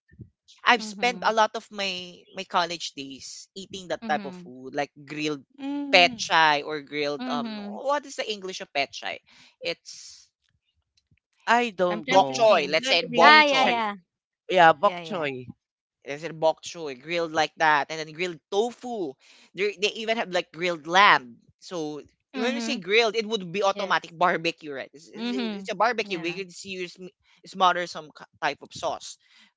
A: I've spent a
C: Mm-hmm.
A: lot of my college days eating that type of
C: Mm-hmm.
A: food, like grilled
B: Mm
A: pechay or grilled
C: Mm-hmm.
A: what is the English of pechay? It's
B: I
C: I'm
B: don't
C: trying
A: bok
C: to
B: know.
A: choy.
C: think.
A: Let's
B: Let
A: say bok
C: Ah,
B: me
C: yeah,
B: check.
A: choy.
C: yeah.
B: Yeah,
C: Yeah,
B: bok
C: yeah.
B: choy.
A: Is it bok choy grilled like that, and then grilled tofu? They even have like grilled lamb. So when we say
C: Mm-hmm.
A: grilled, it would be
C: Yes.
A: automatic barbecue, right?
C: Mm-hmm.
A: It's a barbecue. We
C: Yeah.
A: could see you smother some type of sauce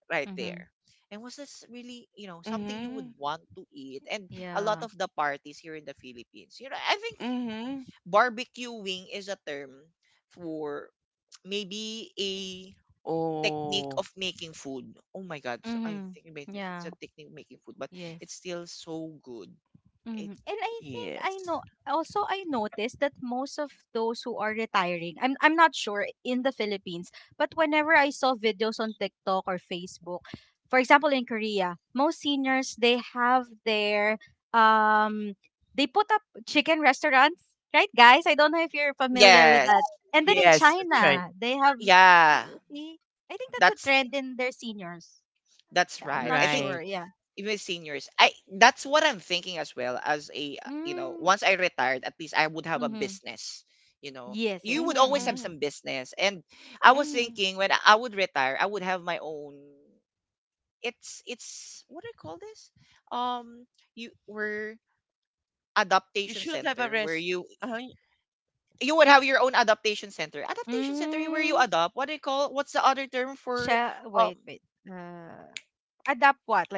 A: right
C: Mm-hmm.
A: there. And was this really, you know, something you would
B: Mm-hmm.
A: want to eat? And a
C: Yeah.
A: lot of the parties here in the Philippines, you know, I think
B: Mm-hmm.
A: barbecuing is a term for maybe a technique
B: Oh,
A: of making food. Oh my god! So I
C: Mm-hmm.
A: think about it, it's
C: Yeah.
A: a technique of making food, but
C: Yes.
A: it's still so good. It
C: Mm-hmm. And I think I
B: yes.
C: know also I noticed that most of those who are retiring, I'm not sure in the Philippines, but whenever I saw videos on TikTok or Facebook, for example in Korea, most seniors they have their um they put up chicken restaurants, right guys? I don't know if you're familiar with that.
A: yes,
C: And then in
B: Yes, that's right.
C: China, they have
A: yeah,
C: see, I think that's a
A: that's
C: trend in their seniors.
A: that's
C: Yeah, I'm
A: right.
C: not
A: I think
C: sure.
B: Right.
C: Yeah.
A: even seniors, I that's what I'm thinking as well. As a you know,
C: Mm.
A: once I retired, at least I would have a
C: Mhm.
A: business. You know,
C: Yes, yes.
A: you would
B: Mm-hmm,
A: always
C: Mhm.
A: have
B: mm-hmm,
A: some business, and I was
B: mm-hmm.
A: thinking when I would retire, I would have my own. It's what do you call this? Um, you were
B: You
A: adaptation
B: should have a
A: center where
B: rest. Uh,
A: you would have your own adaptation center. Adaptation center where you
C: Mm,
A: adopt. What do you call? What's the other term for
C: sha wait,
A: um
C: wait. Adopt what? Like,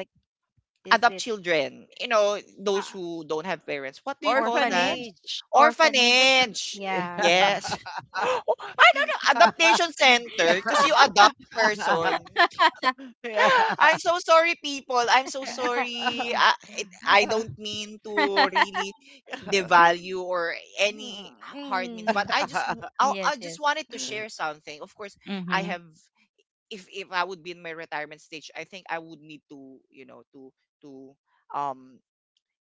C: is it
A: adopt children? You know,
C: uh,
A: those who don't have parents. What do you call
C: orphanage?
A: that?
B: Orphanage.
C: Orphanage?
B: Orphan.
A: Orphanage.
C: Yeah, yeah.
A: Yes. I don't know. Adaptation center because you adopt person. I'm
B: Yeah.
A: so sorry, people. I'm so sorry. I don't mean to really devalue or any hard means, but
C: Mm,
A: I just
C: yes,
A: I
C: yes.
A: just wanted to share something. Of course, I
C: Mm-hmm.
A: have. If I would be in my retirement stage, I think I would need to you know to um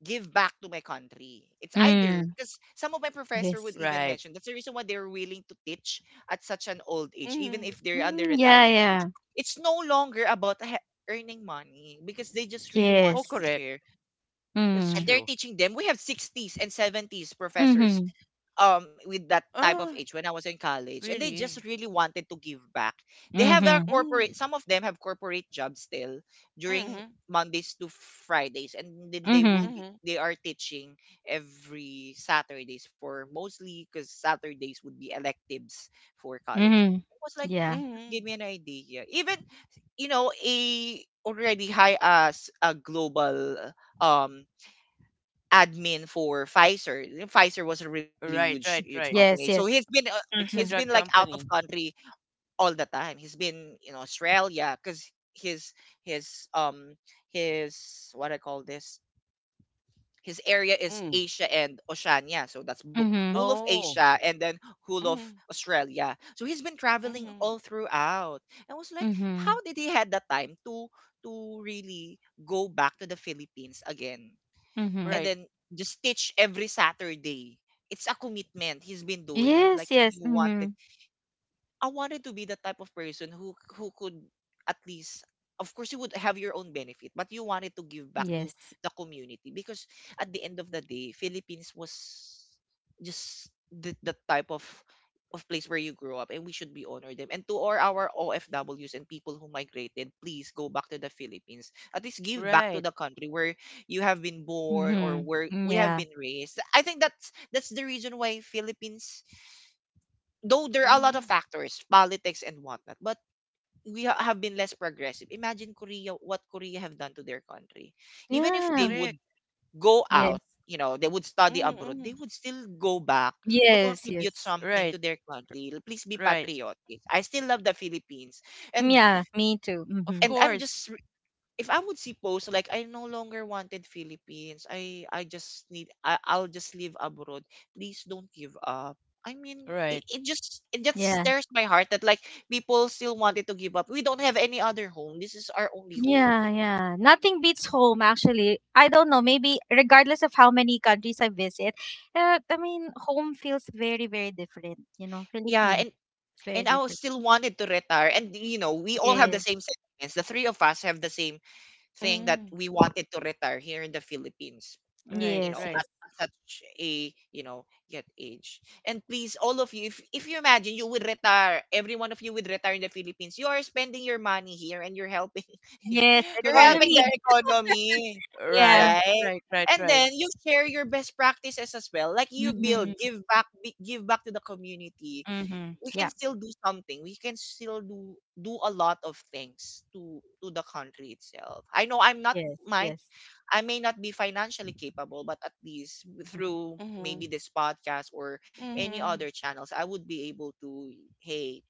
A: give back to my country. It's either
C: Mm,
A: because some of my
C: yes.
A: professor would even
B: Right.
A: mention that's the reason why they're willing to teach at such an old age, even
B: Mm-hmm.
A: if they're under
C: Mm, yeah,
A: retirement
C: yeah.
A: age. It's no longer about earning money because they just really wanted
B: Oh,
C: Yes.
A: to
B: correct.
A: share,
B: That's
C: Mm.
A: and they're
B: true.
A: teaching them. We have sixties and seventies professors
C: Mm-hmm.
A: with that type of age
B: Ah,
A: when I was in college and they just
B: really?
A: really wanted to give back. They have their
C: Mm-hmm.
B: Mm-hmm.
A: corporate some of them have corporate jobs still during
B: Mhm.
A: Mondays to Fridays and then they
C: Mm-hmm.
A: will be
B: Mhm.
A: they are teaching every Saturdays for mostly because Saturdays would be electives for colleges.
C: Mm-hmm.
A: It was like
C: Yeah.
A: that gave
B: Mhm.
A: me an idea. Even you know a already high as a global um admin for Pfizer. You know, Pfizer was a really huge,
B: Right, right,
A: huge
B: right.
A: company. So
C: Yes, yes.
A: he's
B: It's a
C: Mm-hmm.
A: been like
B: drug
A: out of
B: company.
A: country all the time. He's been in Australia because his um his what I call this his area is
B: Mm.
A: Asia and Oceania. So that's whole
C: Mm-hmm.
A: of
B: Oh.
A: Asia and then whole of
B: Mhm.
A: Australia. So he's been traveling
B: Mhm.
A: all throughout. I was like,
C: Mm-hmm.
A: how did he had the time to really go back to the Philippines again?
C: Mm-hmm.
A: And
B: Right.
A: then just teach every Saturday. It's a commitment he's been doing. It's
C: Yes,
A: like
C: yes.
A: he
C: Mm-hmm.
A: wanted I wanted to be the type of person who could at least of course you would have your own benefit but you wanted to give back to
C: Yes.
A: the community because at the end of the day Philippines was just the type of place where you grow up and we should be honor them and to all our OFWs and people who migrated please go back to the Philippines at least give back to
B: Right.
A: the country where you have been born or
C: Mm-hmm.
A: where
C: Mm,
A: we have
C: yeah.
A: been raised I think that's the reason why Philippines though there are a lot of
B: Mhm.
A: factors, politics and whatnot, but we have been less progressive. Imagine Korea, what Korea have done to their country. Even if they
C: Yeah.
B: Correct.
A: would go out,
C: Yes.
A: you know, they would study
B: Mm,
A: abroad, they
B: Mhm.
A: would still go back to
C: Yes,
A: contribute
C: yes.
A: something
B: Right.
A: to their country. Please be
B: Right.
A: patriotic. I still love the Philippines, and
C: Yeah, me too. Mm-hmm.
B: Of
A: and I'm
B: course.
A: just if I would see posts like I no longer wanted Philippines, I just need I'll just live abroad. Please don't give up. I mean,
B: Right.
A: it just
C: Yeah.
A: stirs my heart that like people still wanted to give up. We don't have any other home. This is our only home.
C: Yeah, yeah. Nothing beats home, actually. I don't know, maybe regardless of how many countries I visit, I mean, home feels very, very different. You know,
A: Yeah,
C: Philippines, it's very
A: and I was
C: different.
A: still wanted to retire. And you know, we all have the
C: Yes,
A: same sentiments. The three of us have the same thing that
B: Mhm.
A: we wanted to retire here in the Philippines.
B: Right,
A: You know
C: yes,
B: right.
A: at,
C: yes.
A: such a you know yet age and please all of you if you imagine you would retire every one of you would retire in the Philippines you are spending your money here and you're helping
C: Yes,
A: you're
B: Correct.
A: helping
C: economy.
A: the economy
C: Yeah.
B: Right.
A: right
B: Right, right,
A: and
B: right.
A: then you share your best practices as well like you build
C: Mm-hmm.
A: give back give back to the community
C: Mm-hmm.
A: we can
C: Yeah.
A: still do something we can still do do a lot of things to the country itself I know
C: Yes, yes.
A: I may not be financially capable, but at least
C: Mm-hmm.
A: through maybe
B: Mhm.
A: this podcast or any other
B: Mhm.
A: channels, I would be able to, hey,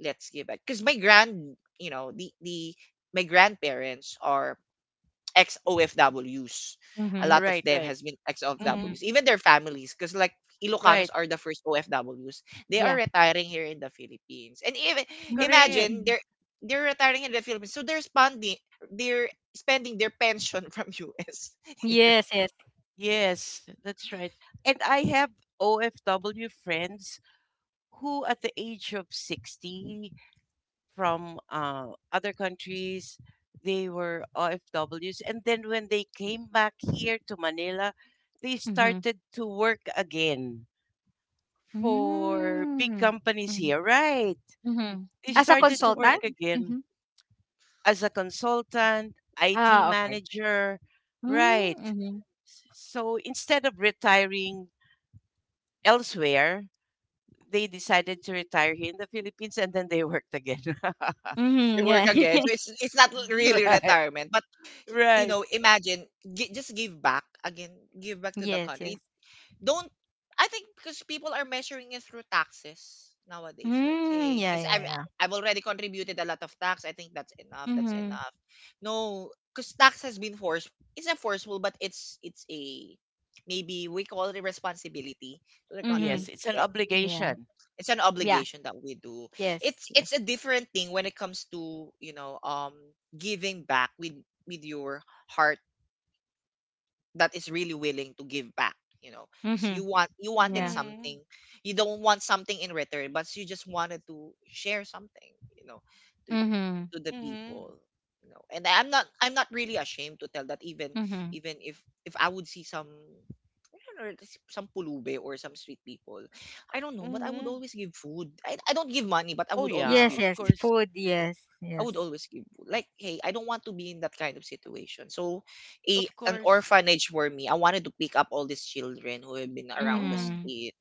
A: let's give back. Because my grand, you know, the my grandparents are ex OFWs. A
C: Mm-hmm.
A: lot of
B: Right,
A: them
B: right.
A: has been ex
C: Mm-hmm.
B: Mhm.
A: OFWs, even their families. Because like Ilocanos
B: Right.
A: are the first OFWs. They are
C: Yeah.
A: retiring here in the Philippines, and even
B: Correct.
A: imagine
C: Mm.
A: they're retiring in the Philippines, so they're spending their pension from US.
C: Yes, yes.
B: Yes, that's right. And I have OFW friends who at the age of 60 from other countries. They were OFWs. And then when they came back here to Manila, they
C: Mm-hmm.
B: started to work again for big
C: Mm.
B: companies here,
C: Mm-hmm.
B: right?
C: Mm-hmm.
B: They
C: As a
A: They're
B: started
A: still
B: to work
C: consultant?
A: competitive.
B: again
C: Mm-hmm.
B: as a consultant, IT
C: Ah, okay.
B: manager, right?
C: Mm-hmm.
B: So instead of retiring elsewhere, they decided to retire here in the Philippines and then they worked again.
A: They
C: Mm-hmm.
A: work
C: Yeah.
A: again. So it's not really
B: Right,
A: retirement, but you
B: right.
A: know, imagine just give back again, give back to the
C: yes, yes.
A: country. Don't I think because people are measuring it through taxes nowadays. Like,
C: Mm,
A: hey,
C: yeah,
A: because
C: yeah, yeah.
A: I've already contributed a lot of tax. I think that's enough. That's
C: Mm-hmm.
A: enough. No, because tax has been forced. It's not forceful, but it's a maybe we call it a responsibility to the
C: Mm-hmm.
B: Yes,
A: country.
B: it's an
A: Like,
C: Yeah.
B: obligation.
A: it's an
C: Yeah.
A: obligation that we do
C: Yes, yes.
A: it's a different thing when it comes to you know giving back with your heart that is really willing to give back you know because
C: Mm-hmm.
A: you want you wanted
C: Yeah.
B: Mhm.
A: something you don't want something in return but you just wanted to share something you know to,
C: Mm-hmm.
A: to the people
B: Mhm.
A: you know and I'm not really ashamed to tell that even
C: Mm-hmm.
A: even if I would see some I don't know, some pulube or some street people I don't know but I would
B: Mhm.
A: always give food I don't give money but I
B: Oh
A: would always
B: yeah,
C: Yes,
A: give
B: of
C: yes.
A: food
B: course.
C: Food, yes,
A: I
C: yes.
A: would always give food like hey I don't want to be in that kind of situation so a
B: Of
A: an
B: course.
A: orphanage for me I wanted to pick up all these children who have been around the
B: Mhm.
C: Mm-hmm.
A: street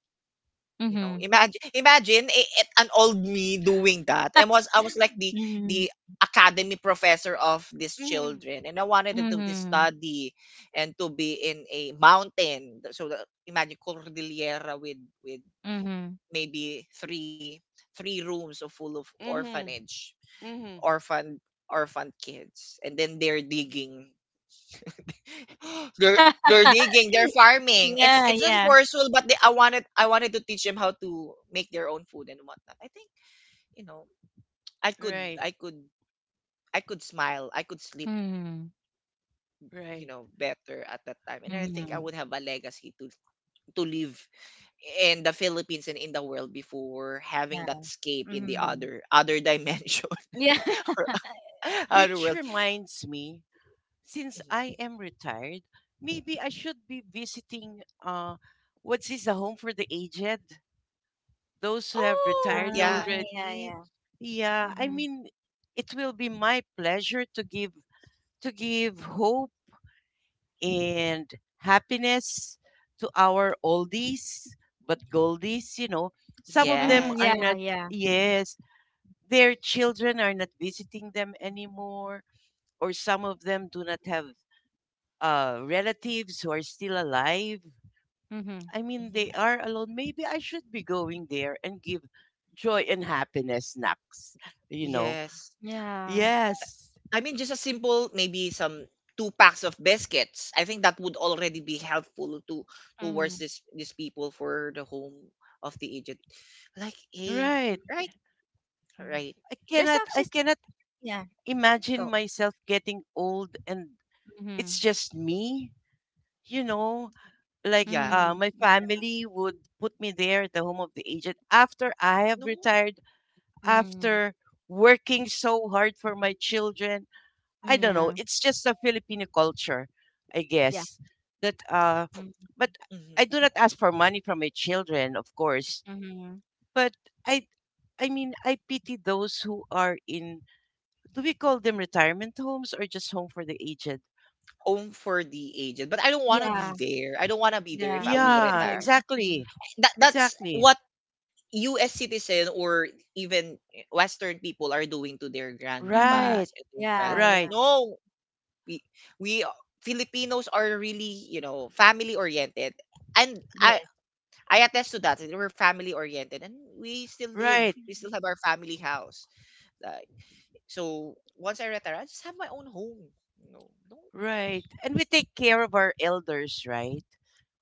A: you know
C: Mm-hmm.
A: imagine an old me doing that and was I was like
C: Mm-hmm.
A: the academy professor of these
B: Mhm.
A: children and I wanted to do this
C: Mm-hmm.
A: study and to be in a mountain so imagine Cordillera with with
C: Mm-hmm.
A: maybe three rooms of full of
B: Mhm.
A: orphanage
B: Mhm.
A: orphan orphan kids and then they're digging they're they're digging, they're farming.
C: yeah,
A: It's not
C: yeah.
A: forceful, but I wanted to teach them how to make their own food and whatnot. I think you know I could
B: Right.
A: I could I could smile, I could sleep,
C: Mhm.
A: you
B: Right.
A: know, better at that time, and I think I
C: Mhm.
A: would have a legacy to leave in the Philippines and in the world before having that
C: Yeah.
A: escape in the
C: Mhm.
A: other dimension,
C: Yeah.
A: other
B: Which
A: world.
B: reminds me, since
A: Mhm.
B: I am retired, maybe I should be visiting what's this, a home for the aged? Those who have
A: Oh
B: retired
C: Ah,
A: yeah,
C: yeah,
B: already.
C: yeah.
B: Yeah, I
C: Mhm.
B: mean it will be my pleasure to give, to give hope and happiness to our oldies but goldies, you know, some of them
C: Mm,
A: yes,
B: are
C: yeah,
B: not,
C: yeah.
B: yes, their children are not visiting them anymore, or some of them do not have relatives who are still alive.
C: Mhm.
B: I mean
A: hmm
B: they are alone. Maybe I should be going there and give joy and happiness knocks, you know.
A: yes.
C: Yeah.
B: Yes,
A: I mean, just a simple, maybe some two packs of biscuits. I think that would already be helpful to towards
C: Mhm.
A: this these people for the home of the aged. Like a
B: right.
A: right,
C: Yeah.
A: right,
B: i
C: There's
B: cannot i
C: actually,
B: cannot
C: yeah,
B: imagine
C: go.
B: myself getting old and it's
C: Mhm.
B: just me, you know, like
A: yeah,
C: Mhm.
B: my family would put me there at the home of the agent after I have
A: no,
B: retired,
C: Mhm.
B: after working so hard for my children. I don't know,
C: Yeah.
B: it's just a Filipino culture I
C: Yeah.
B: guess, that
C: Mhm.
B: but I
A: mhm.
B: do not ask for money from my children, of course.
C: Mhm.
B: But i I mean, I pity those who are in, do we call them retirement homes or just home for the aged?
A: Home for the aged. But I don't want to
C: Yeah,
A: be there. I don't want to be there
C: yeah.
A: if I will
C: Me
B: Yeah,
A: retire.
C: too. Mhm.
B: exactly.
A: That's
B: Exactly.
A: what U.S. citizen or even Western people are doing to their
C: Mhm.
B: Right,
A: grandpas and
C: Yeah,
A: grandmas.
B: right,
C: yeah.
A: No, we we Filipinos are really, you know, family oriented. And
C: Yes.
A: I attest to that. We're family oriented and
B: right,
A: we still have our family house. Like so once I retire, I just have my own home. You know, don't
B: right. And we take care of our elders, right?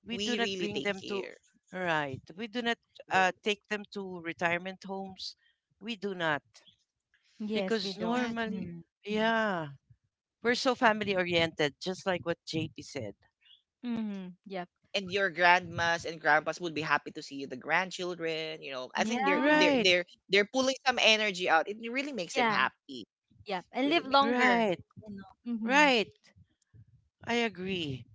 B: We do
A: we
B: not
A: really
B: bring
A: take
B: them to,
A: care.
B: right. We do not
A: Don't
B: take them to retirement homes. We do not.
C: Yes, we
B: Because
C: don't.
A: imagine.
B: normally,
C: Mm-hmm.
B: yeah, we're so family oriented, just like what JP said.
C: Mhm. Yep.
A: And your grandmas and grandpas would be happy to see you, the grandchildren, you know. I think
C: Yeah,
B: Right,
A: they're pulling some energy out. It really makes them
C: yeah,
A: happy.
C: yeah. And
A: Really
C: live
A: makes
C: longer,
B: right,
C: you know. Mhm.
B: right. I agree.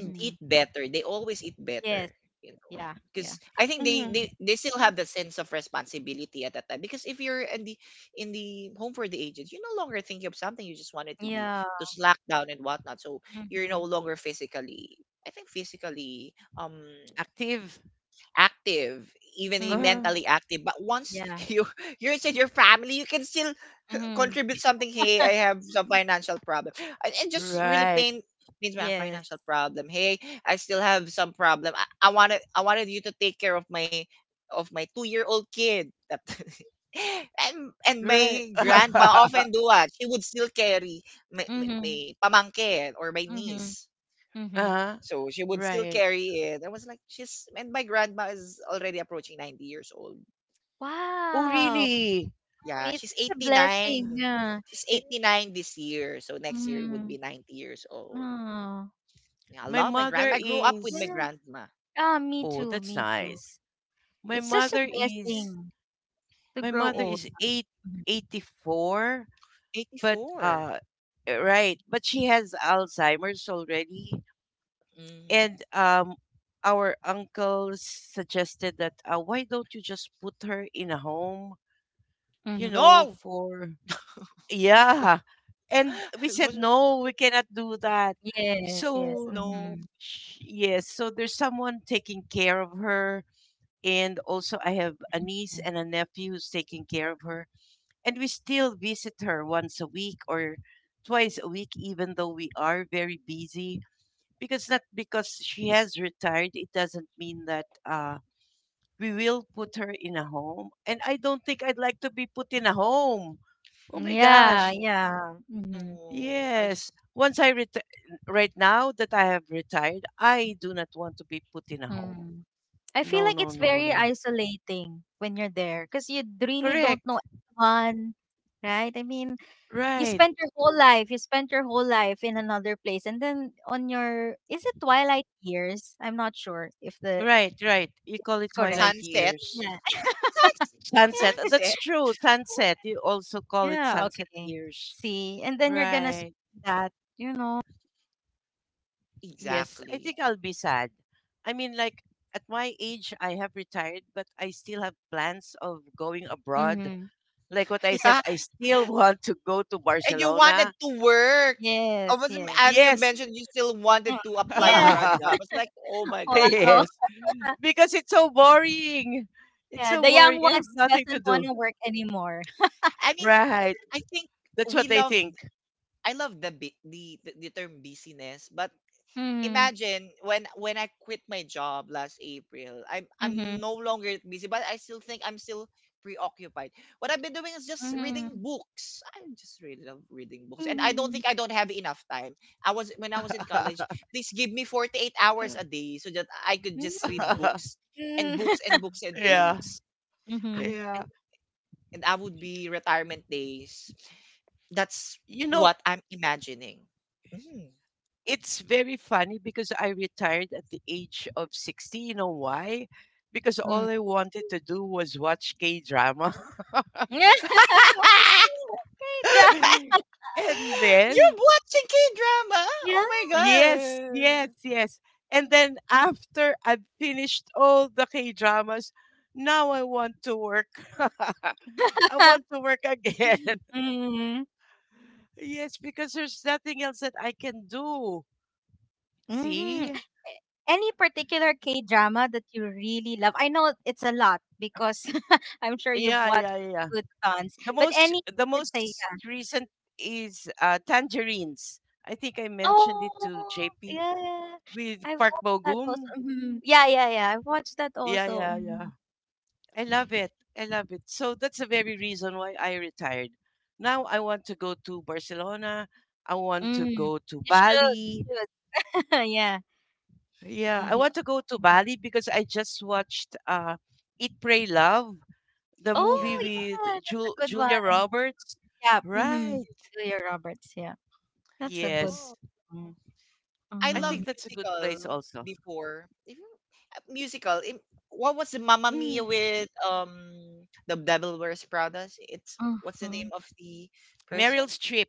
A: and eat better. They always eat
C: Yes.
A: better, you know.
C: Yeah. Yeah.
A: Because I think
B: Hmm.
A: they still have that sense of responsibility at that time. Because if you're in the home for the aged, you're no longer thinking of something. You just wanted to be
C: Yeah.
A: to slack down and whatnot. So you're
C: Mm-hmm.
A: no longer physically, I think physically
B: Active.
A: active,
B: Uh,
C: Mm-hmm.
A: mentally active. But once
C: Yeah.
A: you you're inside your family, you can still
C: Mm-hmm.
A: contribute something. Hey, I have some financial problem, and just really
B: right,
A: pain means my
C: Yes.
A: financial problem. Hey, I still have some problem. I wanted you to take care of my 2 year old kid. That and
B: right.
A: my grandma often do what she would still carry my
C: Mm-hmm.
A: pamangkin or my
C: Mm-hmm.
A: niece.
C: Mm-hmm.
B: Uh,
A: So she would still
B: right.
A: carry it. I was like, she's and my grandma is already approaching 90 years old.
B: Oh,
C: Wow.
B: really?
C: Mm,
A: Yeah,
C: it's
A: she's
C: such a blessing.
A: 89.
C: Yeah.
A: She's
C: It,
A: 89 this year. So next year would
C: mm,
A: be 90 years old.
C: oh.
A: Yeah, I
B: My
A: love my
B: mother
A: grandma. I grew up with my
B: is,
C: Yeah.
A: grandma.
C: Ah, me
B: oh,
C: too.
B: that's
C: Me too.
B: nice. My
C: It's such a
B: mother is
C: blessing to
B: my
C: grow
B: mother
A: Mm,
C: old.
B: is
C: Mm-hmm.
B: eighty four, but
A: 84.
B: right, but she has Alzheimer's already.
A: Mm.
B: And our uncles suggested that, why don't you just put her in a home,
C: Mm-hmm.
B: you know,
A: No!
B: for
A: No.
B: yeah. And we
A: I
B: said
A: wasn't-
B: no, we cannot do that.
C: Yes. Yes.
B: So
A: No.
C: Mm-hmm.
B: yes, so there's someone taking care of her. And also, I have a niece and a nephew who's taking care of her. And we still visit her once a week or twice a week, even though we are very busy. Because not because she has retired, it doesn't mean that we will put her in a home. And I don't think I'd like to be put in a home. Oh
C: Mm-hmm.
B: my
C: Yeah.
B: gosh.
A: No.
C: Yeah. Mm-hmm.
A: No. I
B: Yes.
A: just
B: Once I retire, right now that I have retired, I do not want to be put in a home.
C: Mm-hmm. I feel
B: No,
C: like
B: no,
C: it's
B: no,
C: very
B: no.
C: isolating when you're there because you really
B: Correct.
C: don't know anyone, right? I mean,
B: Right.
C: you spent your whole life in another place, and then on your is it twilight years? I'm not sure if the
B: Right, right. You
C: if
B: call
C: it's
B: it
C: correct.
B: twilight
A: sunset.
B: years.
C: Yeah,
B: Sunset. That's
A: Sunset.
B: true. Sunset. You also call it
C: yeah,
B: sunset
C: okay.
B: years.
C: See, and then you're gonna
B: Right.
C: spend that, you know.
B: Yes. I
A: Exactly.
B: think I'll be sad. I mean, like at my age, I have retired, but I still have plans of going abroad.
C: Mm-hmm.
B: Like what I said,
A: Yeah.
B: I still want to go to
A: And you wanted
B: Barcelona.
A: to work. I
C: Yes,
A: was,
C: yes.
A: and you
B: Yes.
A: mentioned you still
C: Mm,
A: wanted to apply
C: yeah.
A: for a job. It's like, oh my God.
C: Wow.
B: Yes. Because it's so boring. It's
C: Yeah,
B: so
C: the young
B: boring. I have
C: ones
B: nothing to
C: doesn't want
B: do.
C: to work anymore.
A: I mean,
B: Right.
A: I think
B: That's
A: we
B: what they
A: love
B: think.
A: I love the bu- the term busyness, but
C: Mm-hmm.
A: imagine when I quit my job last April. I'm
C: Mm-hmm.
A: no longer busy, but I still think I'm still preoccupied. What I've been doing is just reading
C: Mm-hmm.
A: books. I just really love reading books, and
C: Mhm.
A: I don't have enough time. I was when I was in college, please give me 48 hours a day so that I could just read books and
C: Mm,
A: books and books.
B: Yeah,
A: I,
C: mm.
B: yeah.
A: and, and I would be retirement days. That's
B: You know,
A: what I'm imagining. Mhm.
B: it's very funny because I retired at the age of 60. You know why? Because
C: Mhm,
B: all I wanted to do was watch K drama.
C: yeah. Great job.
B: And
A: You're
B: then,
A: watching K drama? Oh
C: Yeah.
B: yes,
A: my
B: yes,
A: god.
B: yes. And then after I've finished all the K dramas, now I want to work. I want to work again.
C: Mhm,
B: Yes, because there's nothing else that I can do.
C: mhm.
B: See?
C: Any particular K-drama that you really love? I know it's a lot because I'm sure you've
B: Yeah,
C: watched
B: yeah, yeah.
C: good tons,
B: The
C: but
B: most
C: any,
B: the
C: let's say,
B: most
C: yeah.
B: recent is Tangerines. I think I mentioned it to
C: Oh,
B: JP
C: yeah.
B: with
C: I've
B: Park
C: watched that also.
B: Bogum.
C: Mhm. Yeah, yeah, yeah. I've watched that
B: Yeah,
C: also.
B: yeah, yeah.
C: Mhm.
B: I love it. I love it. So that's the very reason why I retired. Now I want to go to Barcelona. I want to
C: Mhm.
B: go to
C: You should.
B: Bali.
C: Should. Yeah.
B: Yeah, I
C: Mhm.
B: want to go to Bali because I just watched Eat, Pray, Love, the movie
C: Oh,
A: Yeah.
C: yeah,
B: with
C: that's a good
B: Julia
C: one.
B: Roberts.
C: Yeah, mm-hmm.
B: Right.
C: Julia Roberts, yeah. That's a good
B: Yes.
A: Oh.
C: one.
A: I
B: I
C: Mm-hmm.
A: love
B: think that's a good place
A: musical
B: also.
A: before. If you, musical. Im- What was the Mamma Mia
B: Mm,
A: with the Devil Wears Prada? It's what's the name
C: Mm-hmm.
A: of the person?
B: Meryl Streep.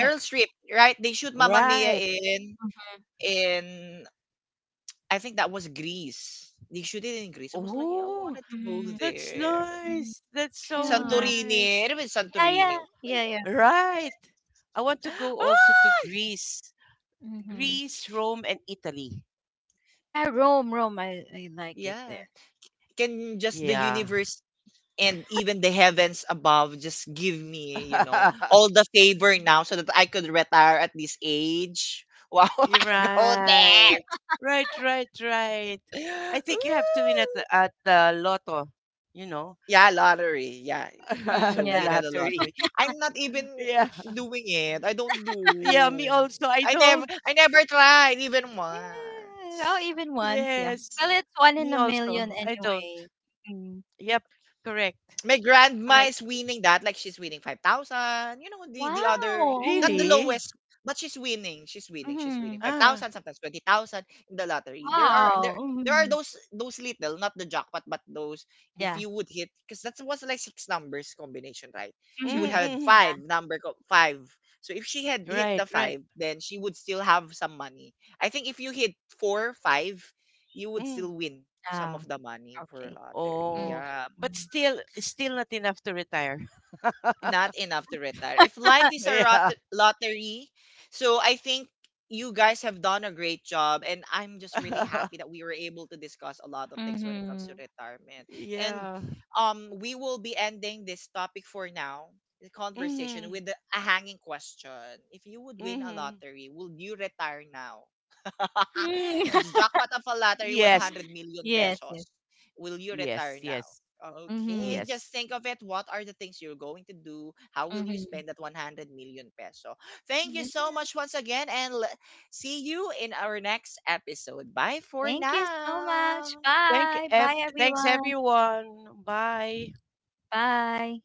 C: Yeah.
A: Streep, right? They shoot Mamma Mia
B: Right.
A: in
C: Mm-hmm.
A: in I think that was Greece. They shoot it in Greece. I was like, yeah, I
B: Oh,
A: wanted to go
C: Mm-hmm.
B: that's
A: there.
C: mm-hmm.
B: nice. That's so
C: Yeah.
A: Santorini.
B: nice.
A: It was
C: Yeah, yeah.
A: Santorini. What the
C: Yeah, yeah.
A: hell?
B: Right. I want to go also to
A: Ah!
B: Greece.
C: Mm-hmm.
B: Greece, Rome, and Italy.
C: Yeah, Rome, Rome. I like it
A: Yeah.
C: there.
A: Can just the
B: Yeah.
A: universe and even the heavens above just give me, you know, all the favor now so that I could retire at this age? Wow,
B: You're
A: I go there.
B: right. Right, right, right. I think you have to win at
A: Ooh.
B: the lotto, you know,
A: Yeah, lottery. Yeah. So
C: Mm-hmm.
B: the
A: win
C: Yeah.
A: at the
B: lottery.
A: lottery. I'm not even
B: Yeah.
A: doing it. I don't
B: Yeah, me
A: do.
B: also. I don't.
A: I never tried even
C: Yeah. Oh,
A: once.
C: even once, yeah.
B: Yes,
C: Well, it's one in
B: me
C: a million
B: also. I don't.
C: anyway. Mm.
B: Yep, correct,
A: My grandma
B: correct.
A: is winning that, like, she's winning 5,000, you know, the other,
C: Wow.
A: not the
C: Mm-hmm.
B: Really?
A: lowest, but she's winning
C: Mm-hmm.
B: Ah,
A: 5,000, sometimes 20,000 in the lottery. There are
C: Wow.
A: there are
C: Mm-hmm.
A: those little, not the jackpot, but those if
C: Yeah.
A: you would hit, because that was like 6 numbers combination, right? She would
C: Mm-hmm.
A: have
B: mm-mm.
C: Yeah.
A: five. So if she had hit
B: Right,
A: the
B: right.
A: five, then she would still have some money. I think if you hit 4 5, you would
B: Mm.
A: still win some
C: Ah,
A: of the money for a
C: okay.
A: lottery,
C: Mhm.
B: Oh,
A: yeah.
B: but still, still not enough to retire.
A: Not enough to retire. If life is a
B: Yeah,
A: lottery, so I think you guys have done a great job, and I'm just really happy that we were able to discuss a lot of things when it comes to
C: Mhm.
A: retirement. And
B: yeah.
A: we will be ending this topic for now, the conversation
B: Mm-hmm.
A: with a hanging question. If you would win a
B: Mm-hmm.
A: lottery, would you retire now?
C: Mm.
A: Jackpot of a lottery,
B: Yes,
A: 100 million
C: Yes, yes.
A: pesos. Will you
B: yes,
A: retire now?
B: yes,
A: Okay,
C: Mhm.
A: just
B: yes.
A: think of it. What are the things you're going to do? How will you
C: Mhm.
A: spend that 100 million peso? Thank you
C: Yeah.
A: so much once again, and see you in our next episode. Bye for
C: Thank you so much.
A: now.
C: Bye. Bye,
B: Thanks
C: everyone.
B: everyone. Bye.
C: Bye.